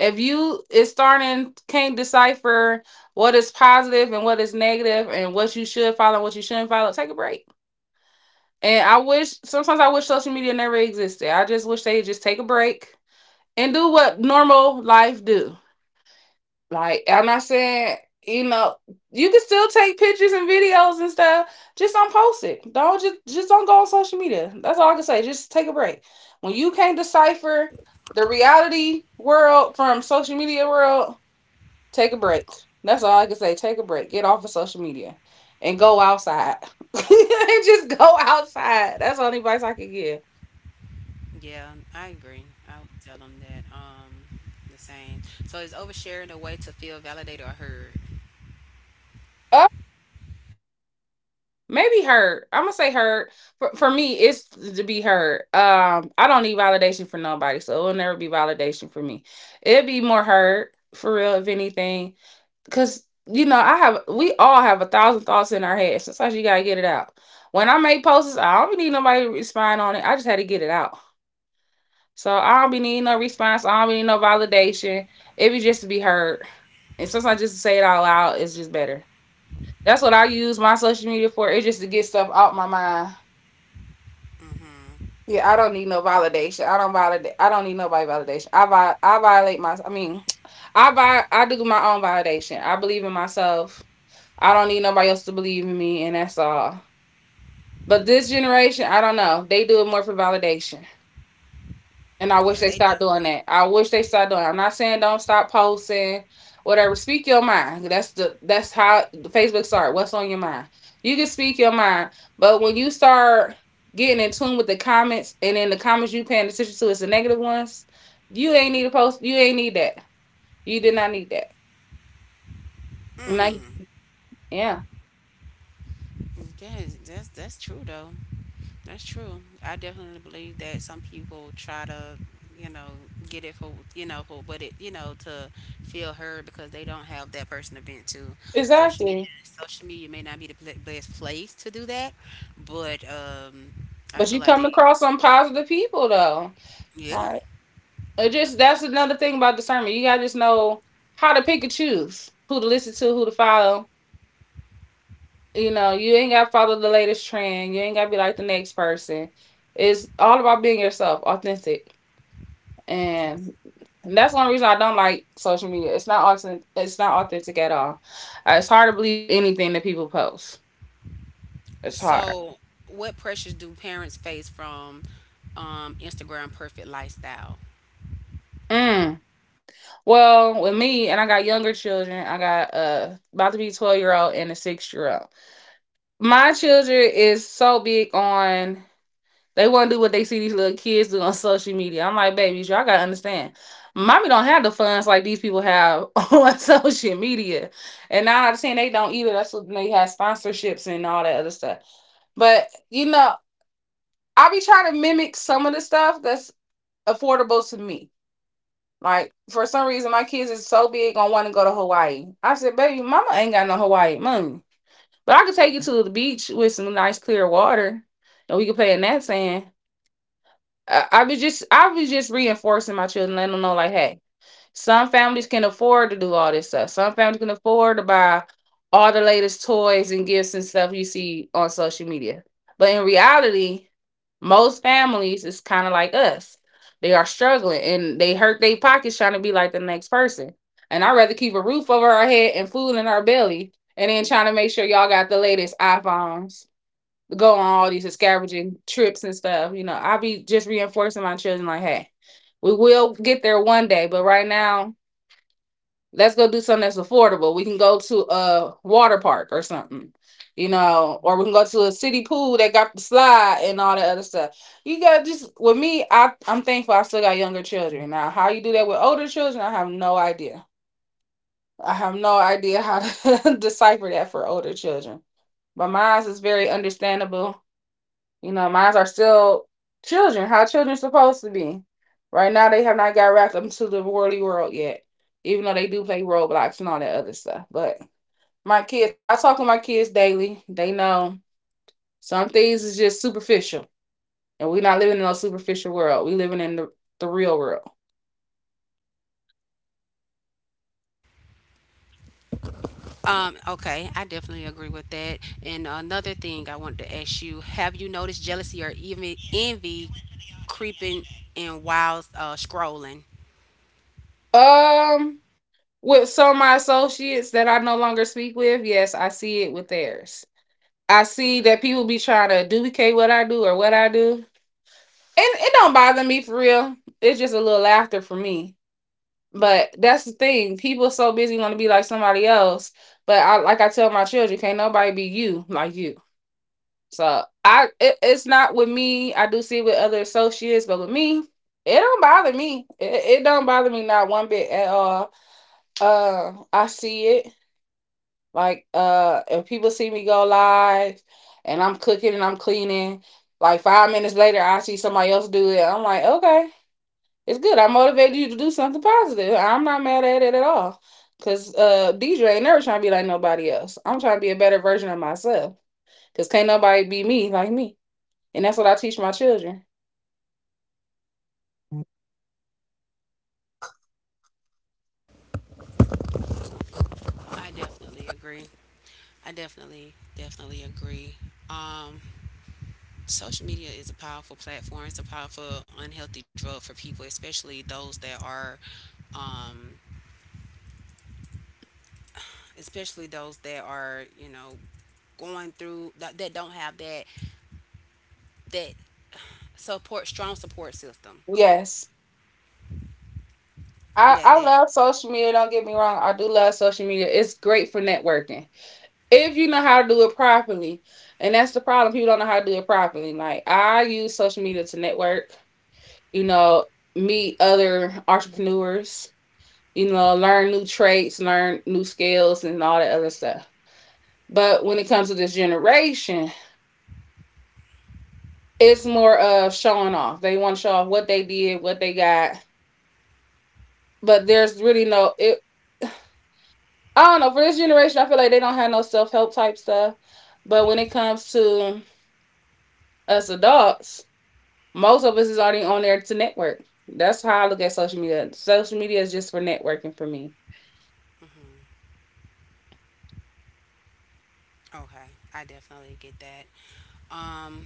Speaker 2: If you is starting can't decipher what is positive and what is negative and what you should follow and what you shouldn't follow, take a break. And I wish sometimes I wish social media never existed. I just wish they just take a break and do what normal life do. Like I'm not saying, you know, you can still take pictures and videos and stuff. Just don't post it. Don't just don't go on social media. That's all I can say. Just take a break. When you can't decipher the reality world from social media world, take a break. That's all I can say. Take a break. Get off of social media and go outside. (laughs) Just go outside. That's the only advice I can give.
Speaker 1: Yeah, I agree. I would tell them that. The same. So is oversharing a way to feel validated or heard?
Speaker 2: Other maybe hurt. I'm gonna say hurt. For me, it's to be hurt. I don't need validation for nobody, so it'll never be validation for me. It'd be more hurt for real, if anything, because you know I have. We all have a thousand thoughts in our head. Sometimes you gotta get it out. When I make posts, I don't need nobody to respond on it. I just had to get it out. So I don't be needing no response. I don't be needing no validation. It be just to be heard. And sometimes just to say it out loud is just better. That's what I use my social media for. It's just to get stuff out my mind.
Speaker 1: Mm-hmm.
Speaker 2: Yeah, I don't need no validation. I don't validate. I don't need nobody validation. I violate my. (tsk) I do my own validation. I believe in myself. I don't need nobody else to believe in me, and that's all. But this generation, I don't know. They do it more for validation. And I wish
Speaker 1: Yeah,
Speaker 2: they
Speaker 1: they
Speaker 2: stopped doing
Speaker 1: definitely.
Speaker 2: that. I wish they stopped doing it. I'm not saying don't stop posting, whatever. Speak your mind. That's how Facebook start. What's on your mind? You can speak your mind, but when you start getting in tune with the comments, and then the comments you paying attention to is the negative ones. You ain't need to post. You ain't need that. You did not need that.
Speaker 1: Mm-hmm.
Speaker 2: Like,
Speaker 1: Mm.
Speaker 2: yeah,
Speaker 1: Yes, that's true though. That's true. I definitely believe that some people try to, you know, get it for you know, for what it, you know, to feel heard because they don't have that person to vent to.
Speaker 2: exactly.
Speaker 1: Social media may not be the best place to do that, but I
Speaker 2: But
Speaker 1: feel
Speaker 2: you
Speaker 1: like
Speaker 2: come
Speaker 1: they.
Speaker 2: across some positive people though.
Speaker 1: Yeah.
Speaker 2: Like, it just that's another thing about discernment. You gotta just know how to pick and choose who to listen to, who to follow. You know, you ain't gotta follow the latest trend. You ain't gotta be like the next person. It's all about being yourself, authentic, and that's one reason I don't like social media. It's not authentic. It's not authentic at all. It's hard to believe anything that people post. It's hard.
Speaker 1: So, what pressures do parents face from Instagram perfect lifestyle?
Speaker 2: Mm. Well, with me, and I got younger children. I got about to be 12-year old and a 6-year old. My children is so big on they want to do what they see these little kids do on social media. I'm like, babies, y'all gotta understand. Mommy don't have the funds like these people have (laughs) on social media, and now I'm saying they don't either. That's what they have sponsorships and all that other stuff. But you know, I be trying to mimic some of the stuff that's affordable to me. Like for some reason, my kids is so big on want to go to Hawaii. I said, baby, mama ain't got no Hawaii money. But I could take you to the beach with some nice clear water, and we could play in that sand. I was just reinforcing my children, letting them know, like, hey, some families can afford to do all this stuff. Some families can afford to buy all the latest toys and gifts and stuff you see on social media. But in reality, most families is kind of like us. They are struggling and they hurt their pockets trying to be like the next person. And I'd rather keep a roof over our head and food in our belly and then trying to make sure y'all got the latest iPhones, go on all these scavenging trips and stuff. You know, I be just reinforcing my children like, hey, we will get there one day, but right now let's go do something that's affordable. We can go to a water park or something, you know, or we can go to a city pool that got the slide and all that other stuff. You got just with me, I'm thankful I still got younger children. Now, how you do that with older children, I have no idea. I have no idea how to (laughs) decipher that for older children. But mine is very understandable, you know, mines are still children, how children supposed to be. Right now, they have not got wrapped up into the worldly world yet, even though they do play Roblox and all that other stuff. But my kids, I talk with my kids daily. They know some things is just superficial, and we're not living in no superficial world. We living in the real world.
Speaker 1: Okay, I definitely agree with that. And another thing I wanted to ask, you have you noticed jealousy or even envy creeping in while scrolling?
Speaker 2: Um, with some of my associates that I no longer speak with, yes, I see it with theirs. I see that people be trying to duplicate what I do or what I do, it don't bother me for real. It's just a little laughter for me. But that's the thing. People so busy want to be like somebody else. But I like I tell my children, can't nobody be you like you. It's not with me. I do see it with other associates, but with me, it don't bother me. It don't bother me not one bit at all. I see it. Like if people see me go live, and I'm cooking and I'm cleaning, like 5 minutes later, I see somebody else do it. I'm like, okay, it's good. I motivated you to do something positive. I'm not mad at it at all. Cause Deidre ain't never trying to be like nobody else. I'm trying to be a better version of myself. Cause can't nobody be me like me. And that's what I teach my children.
Speaker 1: I definitely agree. I definitely, definitely agree. Um, social media is a powerful platform. It's a powerful, unhealthy drug for people, especially those that are um, especially those that are, you know, going through that, that don't have that, that support, strong support system,
Speaker 2: Yes.
Speaker 1: that
Speaker 2: I
Speaker 1: that
Speaker 2: love social media, don't get me wrong. I do love social media. It's great for networking. If you know how to do it properly. And that's the problem. People don't know how to do it properly. Like I use social media to network, you know, meet other entrepreneurs, you know, learn new traits, learn new skills, and all that other stuff. But when it comes to this generation, it's more of showing off. They want to show off what they did, what they got. But there's really no it. I don't know. For this generation, I feel like they don't have no self help type stuff. But when it comes to us adults, most of us is already on there to network. That's how I look at social media. Social media is just for networking for me.
Speaker 1: mhm. Okay, I definitely get that. um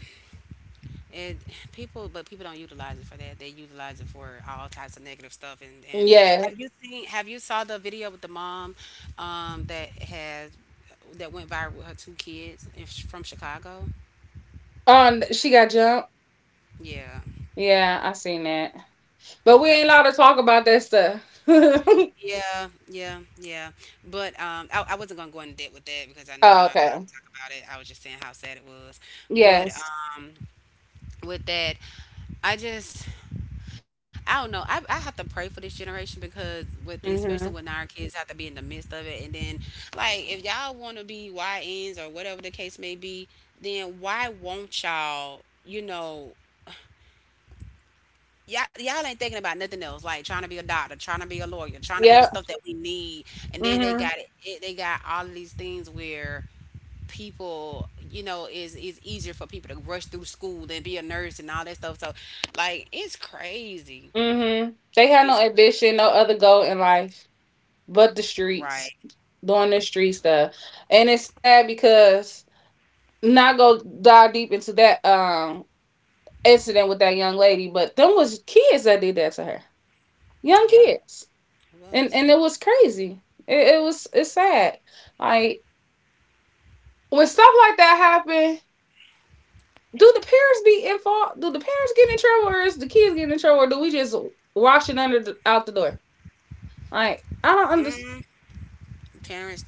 Speaker 1: it, people, but people don't utilize it for that, they utilize it for all types of negative stuff. And and
Speaker 2: Yeah.
Speaker 1: have you seen have you saw the video with the mom that has, that went viral with her two kids in, from Chicago?
Speaker 2: She got jumped.
Speaker 1: Yeah,
Speaker 2: Yeah, I seen that. But we
Speaker 1: that
Speaker 2: ain't
Speaker 1: was.
Speaker 2: allowed to talk about that stuff. (laughs) Oh,
Speaker 1: Yeah, yeah, yeah. But I wasn't gonna go into depth with that because I know we're not
Speaker 2: okay.
Speaker 1: allowed to talk about it. I was just saying how sad it was. But
Speaker 2: Yes.
Speaker 1: with that, I just, I don't know. I have to pray for this generation, because with, especially when
Speaker 2: Mhm.
Speaker 1: our kids have to be in the midst of it, and then like if y'all want to be YNs or whatever the case may be, then why won't y'all? You know, y'all, y'all ain't thinking about nothing else, like trying to be a doctor, trying to be a lawyer, trying to be the
Speaker 2: Yep.
Speaker 1: stuff that we need. And then they
Speaker 2: Mhm.
Speaker 1: got it, it they got all of these things where people, you know, is easier for people to rush through school than be a nurse and all that stuff, so like it's crazy.
Speaker 2: Mhm. They have no
Speaker 1: it's cr-
Speaker 2: ambition, no other goal in life. But the
Speaker 1: right.
Speaker 2: streets doing the street stuff, and it's sad because not go dive deep into that incident with that young lady, but them was kids that did that to her. Young
Speaker 1: Yeah,
Speaker 2: kids.
Speaker 1: it
Speaker 2: and
Speaker 1: was.
Speaker 2: and it was crazy. It was, it's sad, like when stuff like that happen. Do the parents be in fault? Do the parents get in trouble? Or is the kids getting in trouble? Or do we just wash it under out the door? Like, I don't understand.
Speaker 1: Parents,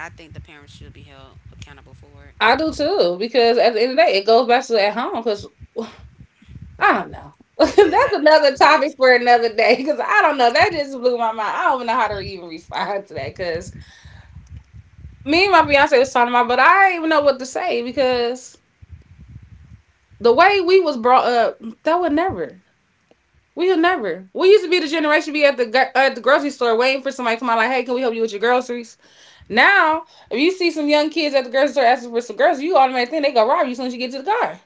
Speaker 1: I think the parents should be held accountable for it,
Speaker 2: I do too, because at the end of the day it goes back to at home because. I don't know. (laughs)
Speaker 1: because that,
Speaker 2: That's
Speaker 1: that
Speaker 2: another
Speaker 1: was my
Speaker 2: topic for another day, because I don't know. That just blew my mind. I don't even know how to even respond to that because me and my fiance was talking about, but I didn't even know what to say, because the way we was brought up, that would never. We would never. We used to be the generation be at the at the grocery store waiting for somebody to come out like, "Hey, can we help you with your groceries?" Now, if you see some young kids at the grocery store asking for some groceries, you automatically think they gonna rob you as soon as you get to the car.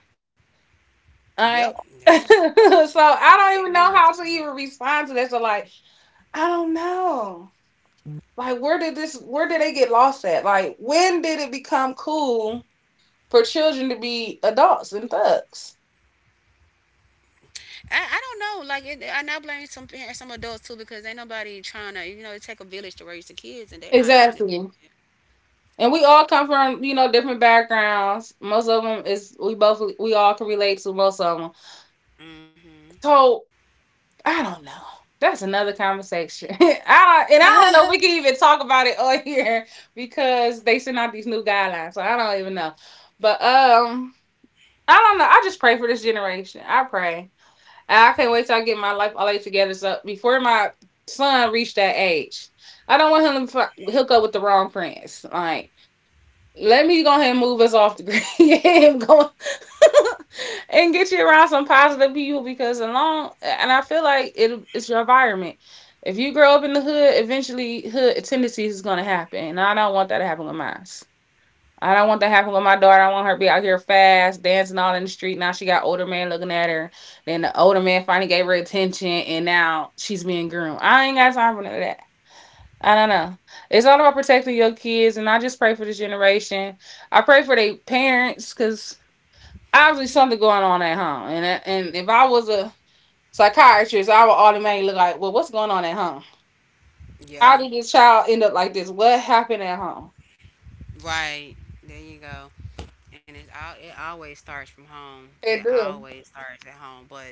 Speaker 2: All
Speaker 1: yep.
Speaker 2: right.
Speaker 1: they,
Speaker 2: (laughs) So I don't
Speaker 1: they
Speaker 2: even know
Speaker 1: is.
Speaker 2: how to even respond to that. So like. I don't know. Like, where did this where did they get lost at? Like, when did it become cool for children to be adults and thugs?
Speaker 1: I don't know. Like, it, I now blame some adults too, because ain't nobody trying to. You know, it take a village to raise the kids, and they're not trying to. Do
Speaker 2: Exactly. And we all come from, you know, different backgrounds. Most of them is we both we all can relate to most of them. So, I don't know. That's another conversation. (laughs) I and I don't know if we can even talk about it on (laughs) here, because they send out these new guidelines. So I don't even know. But I don't know. I just pray for this generation. I pray. I can't wait till I get my life all the together. So before my son reached that age, I don't want him to hook up with the wrong friends. Like, let me go ahead and move us off the grid (laughs) and go (laughs) and get you around some positive people, because along and I feel like it's your environment. If you grow up in the hood, eventually hood tendencies is gonna happen, and I don't want that to happen with mine. I don't want that happen with my daughter. I want her to be out here fast, dancing all in the street. Now she got older man looking at her. Then the older man finally gave her attention, and now she's being groomed. I ain't got time for none of that. I don't know. It's all about protecting your kids, and I just pray for this generation. I pray for their parents because obviously something going on at home. And if I was a psychiatrist, I would automatically look like, well, what's going on at home?
Speaker 1: that.
Speaker 2: How
Speaker 1: Yeah,
Speaker 2: did this child end up like this? What happened at home?
Speaker 1: right. There you go. And it's all it always starts from home. It
Speaker 2: It do.
Speaker 1: always starts at home. But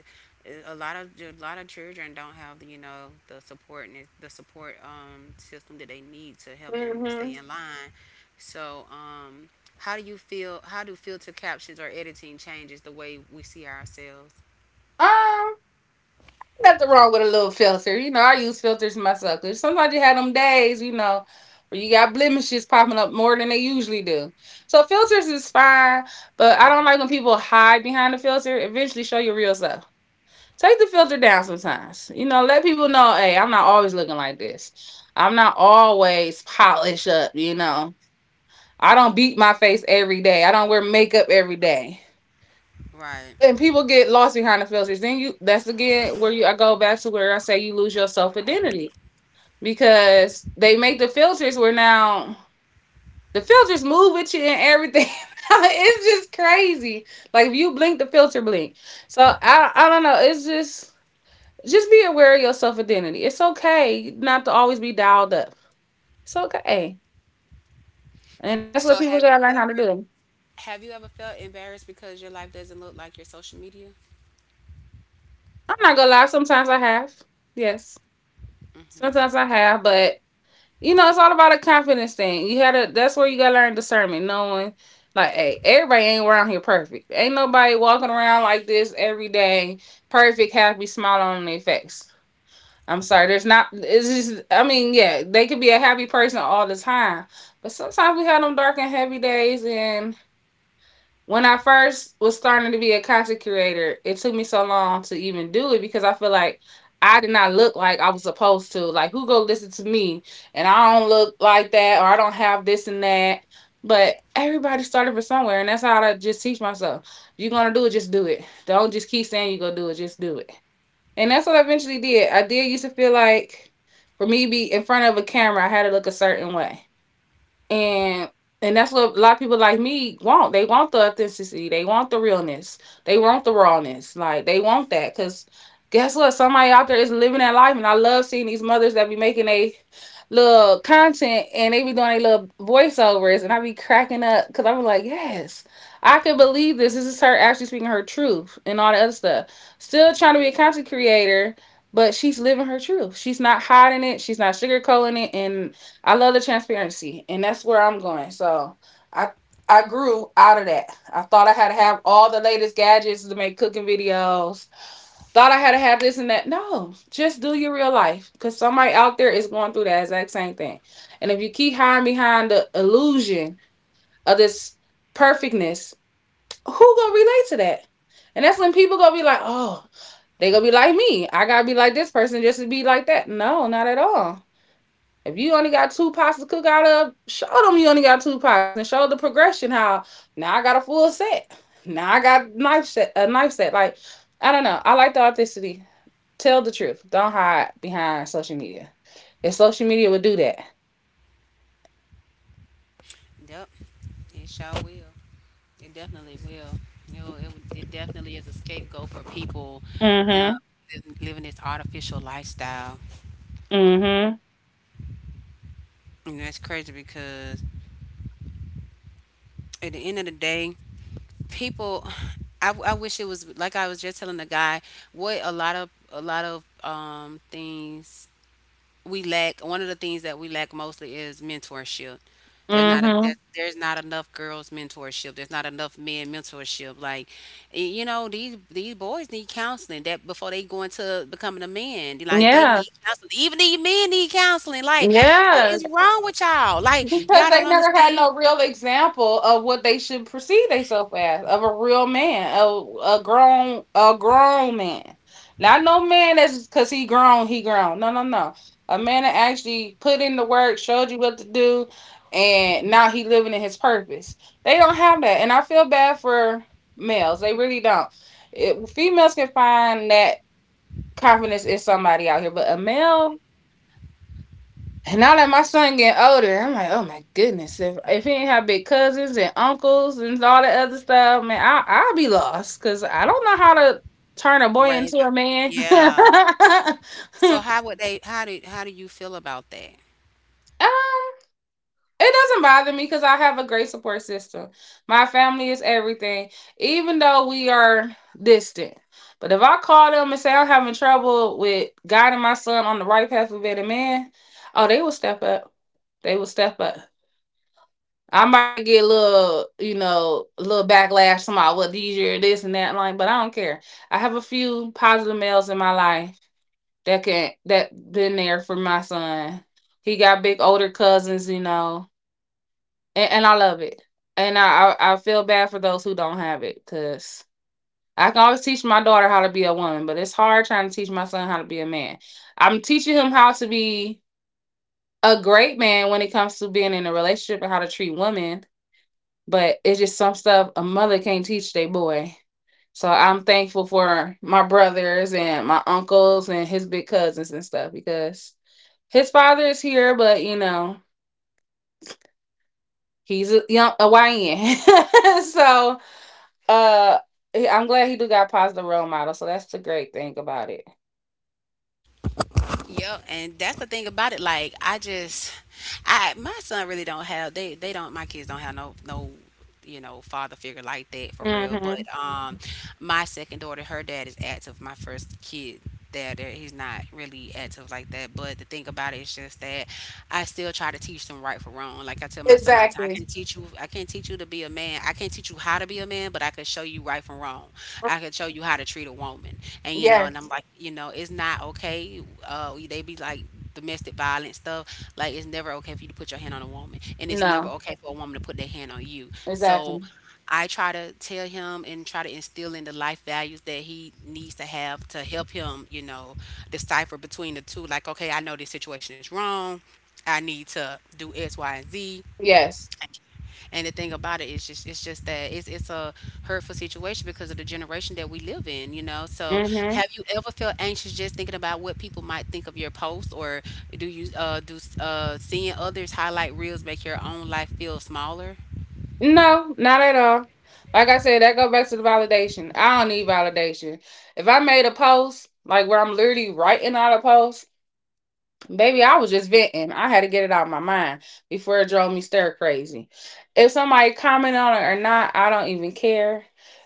Speaker 1: a lot of children don't have the the support and the support system that they need to help them stay
Speaker 2: Hmm.
Speaker 1: in line. So um, how do you feel? How do filter captions or editing changes the way we see ourselves?
Speaker 2: Um, nothing wrong with a little filter. You know, I use filters myself, 'cause sometimes you have them days, you know, where you got blemishes popping up more than they usually do. So filters is fine, but I don't like when people hide behind the filter. Eventually, show your real self. Take the filter down sometimes. You know, let people know, hey, I'm not always looking like this. I'm not always polished up. You know, I don't beat my face every day. I don't wear makeup every day,
Speaker 1: Right.
Speaker 2: and people get lost behind the filters. Then you that's again where you I go back to where I say you lose your self identity, because they make the filters where now the filters move with you and everything. (laughs) It's just crazy. Like, if you blink, the filter blink. So I don't know. It's just be aware of your self identity. It's okay not to always be dialed up. It's okay, and that's
Speaker 1: So
Speaker 2: what people gotta learn how to do.
Speaker 1: have you ever felt embarrassed because your life doesn't look like your social media?
Speaker 2: I'm not gonna lie. Sometimes I have. Yes, sometimes I have, but you know, it's all about a confidence thing. You had to that's where you gotta learn discernment, knowing like, hey, everybody ain't around here perfect. Ain't nobody walking around like this every day, perfect, happy, smile on their face. I'm sorry, there's not it's just I mean, yeah, they could be a happy person all the time. But sometimes we have them dark and heavy days, and when I first was starting to be a content creator, it took me so long to even do it because I feel like I did not look like I was supposed to. Like, who go listen to me? And I don't look like that, or I don't have this and that. But everybody started from somewhere, and that's how I just teach myself. If you're gonna do it, just do it. Don't just keep saying you're gonna do it, just do it. And that's what I eventually did. I did used to feel like for me to be in front of a camera, I had to look a certain way, and and that's what a lot of people like me want. They want the authenticity, they want the realness, they want the rawness, like they want that, because guess what, somebody out there is living that life. And I love seeing these mothers that be making a little content, and they be doing a little voiceovers, and I be cracking up because I'm like, yes, I can believe this. This is her actually speaking her truth and all that other stuff. Still trying to be a content creator, but she's living her truth. She's not hiding it, she's not sugarcoating it. And I love the transparency, and that's where I'm going. So I I grew out of that. I thought I had to have all the latest gadgets to make cooking videos. Thought I had to have this and that. No, just do your real life, because somebody out there is going through that exact same thing. And if you keep hiding behind the illusion of this perfectness, who gonna relate to that? And that's when people gonna be like, oh, they gonna be like me. I gotta be like this person just to be like that. No, not at all. If you only got two pots to cook out of, show them you only got two pots, and show the progression how now I got a full set. Now I got a knife set, a knife set. Like, I don't know. I like the authenticity. Tell the truth. Don't hide behind social media. If social media would do that.
Speaker 1: Yep. It sure will. It definitely will. You know, it definitely is a scapegoat for people uh,
Speaker 2: Mm-hmm.
Speaker 1: living this artificial lifestyle.
Speaker 2: Mm-hmm.
Speaker 1: And that's crazy because at the end of the day, people, I wish it was like I was just telling the guy what a lot of things we lack. One of the things that we lack mostly is mentorship.
Speaker 2: Mm-hmm.
Speaker 1: There's not enough girls mentorship. There's not enough men mentorship. Like, you know, these boys need counseling that before they go into becoming a man. Like they
Speaker 2: Yeah.
Speaker 1: need counseling. Even these men need counseling. Like, what
Speaker 2: Yeah.
Speaker 1: is wrong with y'all? Like
Speaker 2: Because
Speaker 1: y'all don't
Speaker 2: they never had
Speaker 1: understand.
Speaker 2: no real example of what they should perceive themselves as, of a real man, a grown man, not no man that's because he grown, he grown. No, no, no. A man that actually put in the work, showed you what to do, and now he living in his purpose. They don't have that, and I feel bad for males. They really don't. It, females can find that confidence in somebody out here, but a male and now that my son getting older, I'm like, oh my goodness, if he ain't have big cousins and uncles and all that other stuff, man, I'll be lost because I don't know how to turn a boy
Speaker 1: Raise
Speaker 2: into
Speaker 1: them.
Speaker 2: a man.
Speaker 1: Yeah.
Speaker 2: (laughs)
Speaker 1: So
Speaker 2: Um,
Speaker 1: how would they? How do you feel about that?
Speaker 2: it doesn't bother me because I have a great support system. My family is everything, even though we are distant. But if I call them and say I'm having trouble with guiding my son on the right path of being a man, oh, they will step up. They will step up. I might get a little, you know, a little backlash from all what these year this and that like, but I don't care. I have a few positive males in my life that can that been there for my son. He got big older cousins, you know, and I love it. And I feel bad for those who don't have it, because I can always teach my daughter how to be a woman, but it's hard trying to teach my son how to be a man. I'm teaching him how to be a great man when it comes to being in a relationship and how to treat women. But it's just some stuff a mother can't teach their boy. So I'm thankful for my brothers and my uncles and his big cousins and stuff, because his father is here, but you know he's a young a YN. (laughs) So uh, I'm glad he do got positive role model. So that's the great thing about it.
Speaker 1: Yeah, and that's the thing about it. I my son really don't have they don't my kids don't have no father figure like that for real. But
Speaker 2: Hmm.
Speaker 1: my second daughter, her dad is active. My first kid. Dad, he's not really active like that. But the thing about it is just that I still try to teach them right from wrong. Like I tell my son all the time,
Speaker 2: Exactly.
Speaker 1: I can't teach you to be a man. I can't teach you how to be a man, but I can show you right from wrong. I can show you how to treat a woman. And you know, and I'm
Speaker 2: Yes.
Speaker 1: like, you know, it's not okay. They be like domestic violence stuff like it's never okay for you to put your hand on a woman, and it's never
Speaker 2: No.
Speaker 1: okay for a woman to put their hand on you. So
Speaker 2: Exactly.
Speaker 1: I try to tell him and try to instill in the life values that he needs to have to help him, you know, decipher between the two. Like, okay, I know this situation is wrong. I need to do X, Y, and Z.
Speaker 2: Yes.
Speaker 1: And the thing about it is just it's just that it's a hurtful situation because of the generation that we live in, you know. So
Speaker 2: Mm-hmm.
Speaker 1: have you ever felt anxious just thinking about what people might think of your post, or do you do seeing others highlight reels make your own life feel smaller?
Speaker 2: No, not at all. Like I said, that go back to the validation. I don't need validation. If I made a post, like where I'm literally writing out a post, baby, I was just venting. I had to get it out of my mind before it drove me stir crazy. If somebody comment on it or not, I don't even care.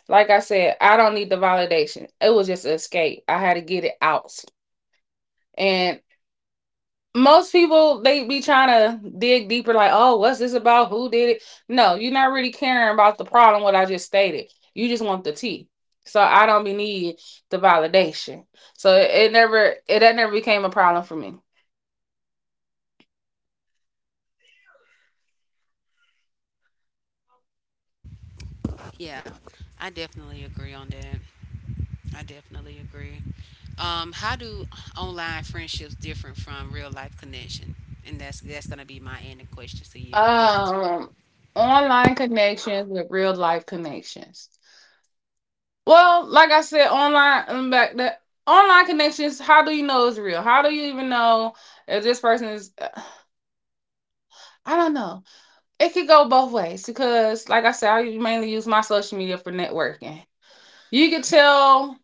Speaker 2: Like I said, I don't need the validation. It was just an escape. I had to get it out. And most people, they be trying to dig deeper like, oh, what's this about, who did it? No, you're not really caring about the problem what I just stated. You just want the tea. So I don't be need the validation. So it that never became a problem for me.
Speaker 1: Yeah. I definitely agree on that. I definitely agree. How do online friendships different from real life connection? And that's gonna be my ending question to you.
Speaker 2: um Online connections with real life connections. Well, like I said, online back that, online connections, how do you know it's real? How do you even know if this person is I don't know. It could go both ways because, like I said, I mainly use my social media for networking. You can tell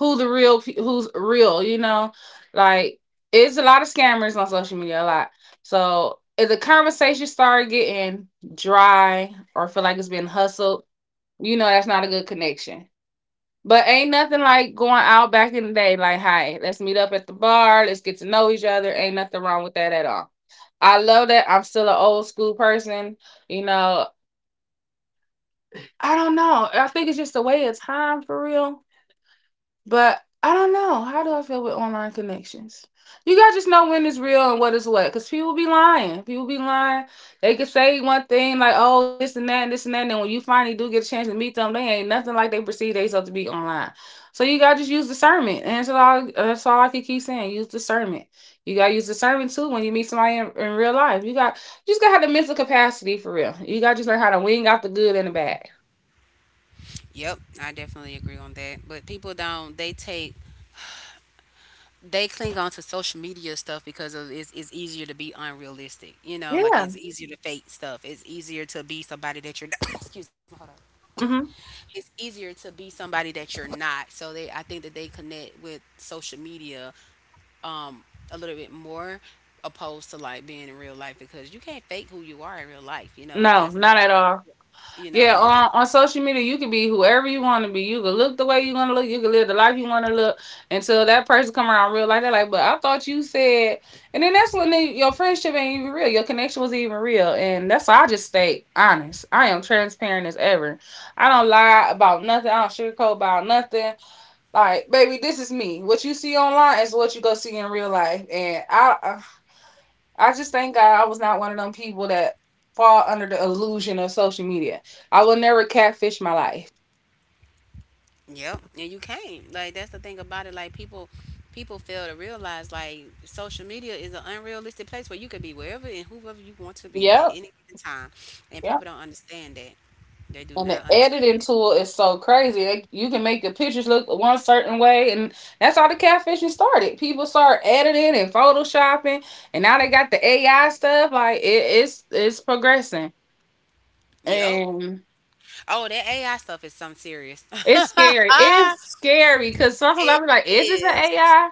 Speaker 2: who's real, you know. Like, it's a lot of scammers on social media, a lot. So if the conversation started getting dry or feel like it's been hustled, you know that's not a good connection. But ain't nothing like going out back in the day. Like, hey, let's meet up at the bar. Let's get to know each other. Ain't nothing wrong with that at all. I love that. I'm still an old school person. You know, I don't know. I think it's just a way of time for real. But I don't know. How do I feel with online connections? You guys just know when it's real and what is what. Because people be lying. People be lying. They can say one thing like, oh, this and that and this and that. And then when you finally do get a chance to meet them, they ain't nothing like they perceive they supposed to be online. So you gotta just use discernment. And that's all I can keep saying. Use discernment. You gotta use discernment too when you meet somebody in real life. You just gotta have the mental capacity for real. You gotta just learn how to wing out the good and the bad.
Speaker 1: Yep, I definitely agree on that. But people don't they take they cling on to social media stuff because of it's easier to be unrealistic. You know, like
Speaker 2: Yeah.
Speaker 1: it's easier to fake stuff. It's easier to be somebody that you're not. (coughs) Excuse me, hold on.
Speaker 2: Hmm.
Speaker 1: It's easier to be somebody that you're not. So they, I think that they connect with social media um, a little bit more opposed to like being in real life because you can't fake who you are in real life. You know,
Speaker 2: No,
Speaker 1: that's
Speaker 2: not
Speaker 1: not
Speaker 2: at
Speaker 1: your,
Speaker 2: all.
Speaker 1: you know, and
Speaker 2: Yeah,
Speaker 1: that's it.
Speaker 2: on social media, you can be whoever you want to be. You can look the way you want to look. You can live the life you want to look until that person come around real life. They're like, but I thought you said, and then that's when they, your friendship ain't even real. Your connection was even real, and that's why I just stay honest. I am transparent as ever. I don't lie about nothing. I don't sugarcoat about nothing. Like, baby, this is me. What you see online is what you go see in real life, and I just thank God I was not one of them people that fall under the illusion of social media. I will never catfish my life.
Speaker 1: Yep, and you can't. Like that's the thing about it. People fail to realize like social media is an unrealistic place where you could be wherever and whoever you want to be at
Speaker 2: Yep.
Speaker 1: any given time, and
Speaker 2: Yep.
Speaker 1: people don't understand that. They do
Speaker 2: And the
Speaker 1: not
Speaker 2: editing
Speaker 1: understand it.
Speaker 2: tool is so crazy. They, you can make the pictures look one certain way, and that's how the catfishing started. People start editing and photoshopping, and now they got the AI stuff. Like it's progressing,
Speaker 1: Yep.
Speaker 2: and
Speaker 1: Oh, that AI stuff is some serious.
Speaker 2: it's
Speaker 1: (laughs)
Speaker 2: scary. It's scary because sometimes I'll
Speaker 1: it
Speaker 2: be like, "Is this an
Speaker 1: is.
Speaker 2: AI?"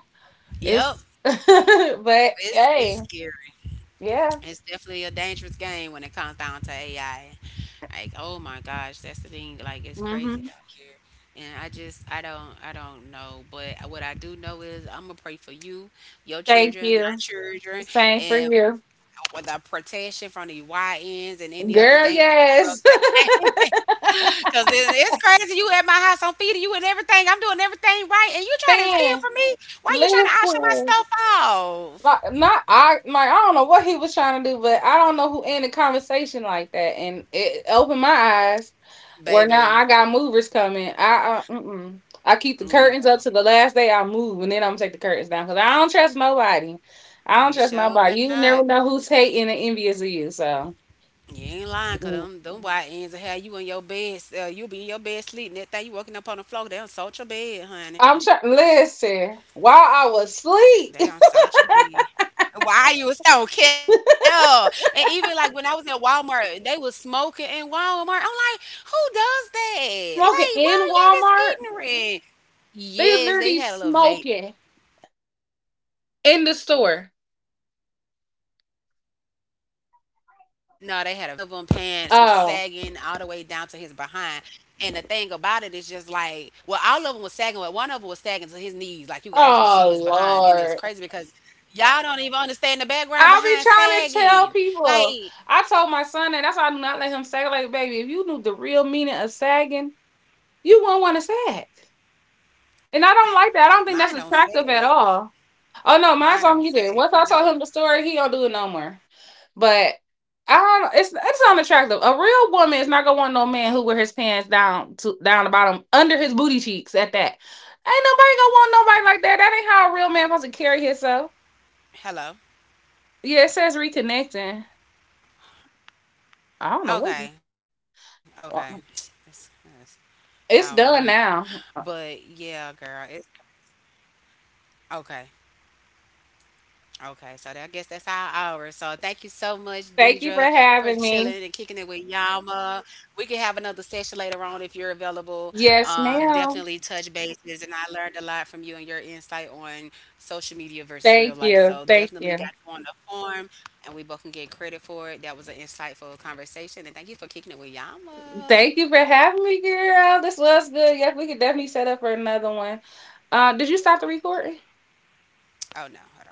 Speaker 1: Yep.
Speaker 2: It's, (laughs) but
Speaker 1: It's
Speaker 2: hey,
Speaker 1: scary.
Speaker 2: yeah.
Speaker 1: It's definitely a dangerous game when it comes down to AI. Like, oh my gosh, that's the thing. Like, it's crazy
Speaker 2: Hmm.
Speaker 1: out here, and I just, I don't know. But what I do know is, I'm gonna pray for you, your
Speaker 2: Thank
Speaker 1: children, my
Speaker 2: you.
Speaker 1: children,
Speaker 2: Same for
Speaker 1: and
Speaker 2: you.
Speaker 1: with the protection from the YNs and any other
Speaker 2: Girl,
Speaker 1: dangerous
Speaker 2: yes.
Speaker 1: corrupt thing. (laughs) Cause it's crazy. You at my house, I'm feeding you and everything. I'm doing everything right, and you
Speaker 2: (laughs)
Speaker 1: trying to steal
Speaker 2: Man,
Speaker 1: from me. Why you trying to auction my
Speaker 2: listen.
Speaker 1: stuff off,
Speaker 2: Like not I like I don't know what he was trying to do, but I don't know who ended conversation like that. And it opened my eyes where now
Speaker 1: baby?
Speaker 2: I got movers coming. I mm-mm. I keep the curtains up
Speaker 1: Yeah,
Speaker 2: to the last day I move, and then I'm gonna take the curtains down because I don't trust nobody. I don't
Speaker 1: you
Speaker 2: trust
Speaker 1: sure
Speaker 2: nobody.
Speaker 1: better
Speaker 2: You
Speaker 1: not.
Speaker 2: never know who's hating and envious of you. So
Speaker 1: You ain't lying, cause
Speaker 2: mm.
Speaker 1: them wide ends of hair, you be in your bed sleeping. That thing you waking up on the floor, they don't salt your bed, honey.
Speaker 2: I'm trying. Listen, while
Speaker 1: They
Speaker 2: I
Speaker 1: don't
Speaker 2: was
Speaker 1: salt your
Speaker 2: asleep.
Speaker 1: bed.
Speaker 2: (laughs)
Speaker 1: While you asleep, they don't care. And even like when I was at Walmart, they was smoking in Walmart. I'm like, who does that? Like, why are y'all this
Speaker 2: Smoking in
Speaker 1: ignorant?
Speaker 2: Walmart?
Speaker 1: Yes, they had a
Speaker 2: They
Speaker 1: little vape.
Speaker 2: literally smoking
Speaker 1: No, they had a vape, but I
Speaker 2: in the
Speaker 1: mean, come
Speaker 2: store.
Speaker 1: on, like come on. And then one of them pants was sagging all the way down to his behind.
Speaker 2: Oh.
Speaker 1: And the thing about it is just like, well, all of them was sagging, but one of them was sagging to his knees. Like you could actually see his behind, and it's crazy
Speaker 2: Oh
Speaker 1: because y'all
Speaker 2: Lord.
Speaker 1: don't even understand the background behind
Speaker 2: I'll
Speaker 1: sagging.
Speaker 2: be trying to
Speaker 1: Like
Speaker 2: tell people. I told my son that that's why I do not let him sag. Like, baby, if you knew the real meaning of sagging, you wouldn't want to sag. And I don't like that. I
Speaker 1: mine
Speaker 2: don't think
Speaker 1: don't
Speaker 2: that's
Speaker 1: sag,
Speaker 2: attractive at all. Oh
Speaker 1: mine
Speaker 2: no,
Speaker 1: don't
Speaker 2: mine's on
Speaker 1: sag. You
Speaker 2: either.
Speaker 1: know
Speaker 2: Once I
Speaker 1: them.
Speaker 2: told him the story, he don't do it no more. But I don't. It's unattractive. A real
Speaker 1: Hello,
Speaker 2: woman is not gonna want no man who wear his pants down to
Speaker 1: hello,
Speaker 2: down the bottom under his booty cheeks. At that, ain't nobody gonna want nobody like that. That ain't how a real man supposed to carry himself.
Speaker 1: hello.
Speaker 2: Yeah, it says reconnecting.
Speaker 1: Okay, okay. (tsk)
Speaker 2: I don't
Speaker 1: That's-
Speaker 2: know
Speaker 1: that's- I
Speaker 2: what.
Speaker 1: don't know. But yeah,
Speaker 2: It's
Speaker 1: girl,
Speaker 2: done
Speaker 1: it's
Speaker 2: now.
Speaker 1: okay. Okay, so that, I guess that's our hour. So thank you so much, Deidra, for chilling and
Speaker 2: Thank you
Speaker 1: kicking
Speaker 2: for
Speaker 1: it with
Speaker 2: having me.
Speaker 1: Yama. We can have another session later on if you're available. Definitely
Speaker 2: Yes,
Speaker 1: touch bases,
Speaker 2: ma'am.
Speaker 1: and I learned a lot from you and your insight on social media versus real life. So
Speaker 2: Thank
Speaker 1: definitely got
Speaker 2: you.
Speaker 1: you on the
Speaker 2: Thank you.
Speaker 1: form, and we both can get credit for it. That was an insightful conversation, and thank you for kicking it with Yama.
Speaker 2: Thank you for having me, girl. This was good. Yep, we could definitely set up for another one. Did you stop the recording?
Speaker 1: Oh no, hold on.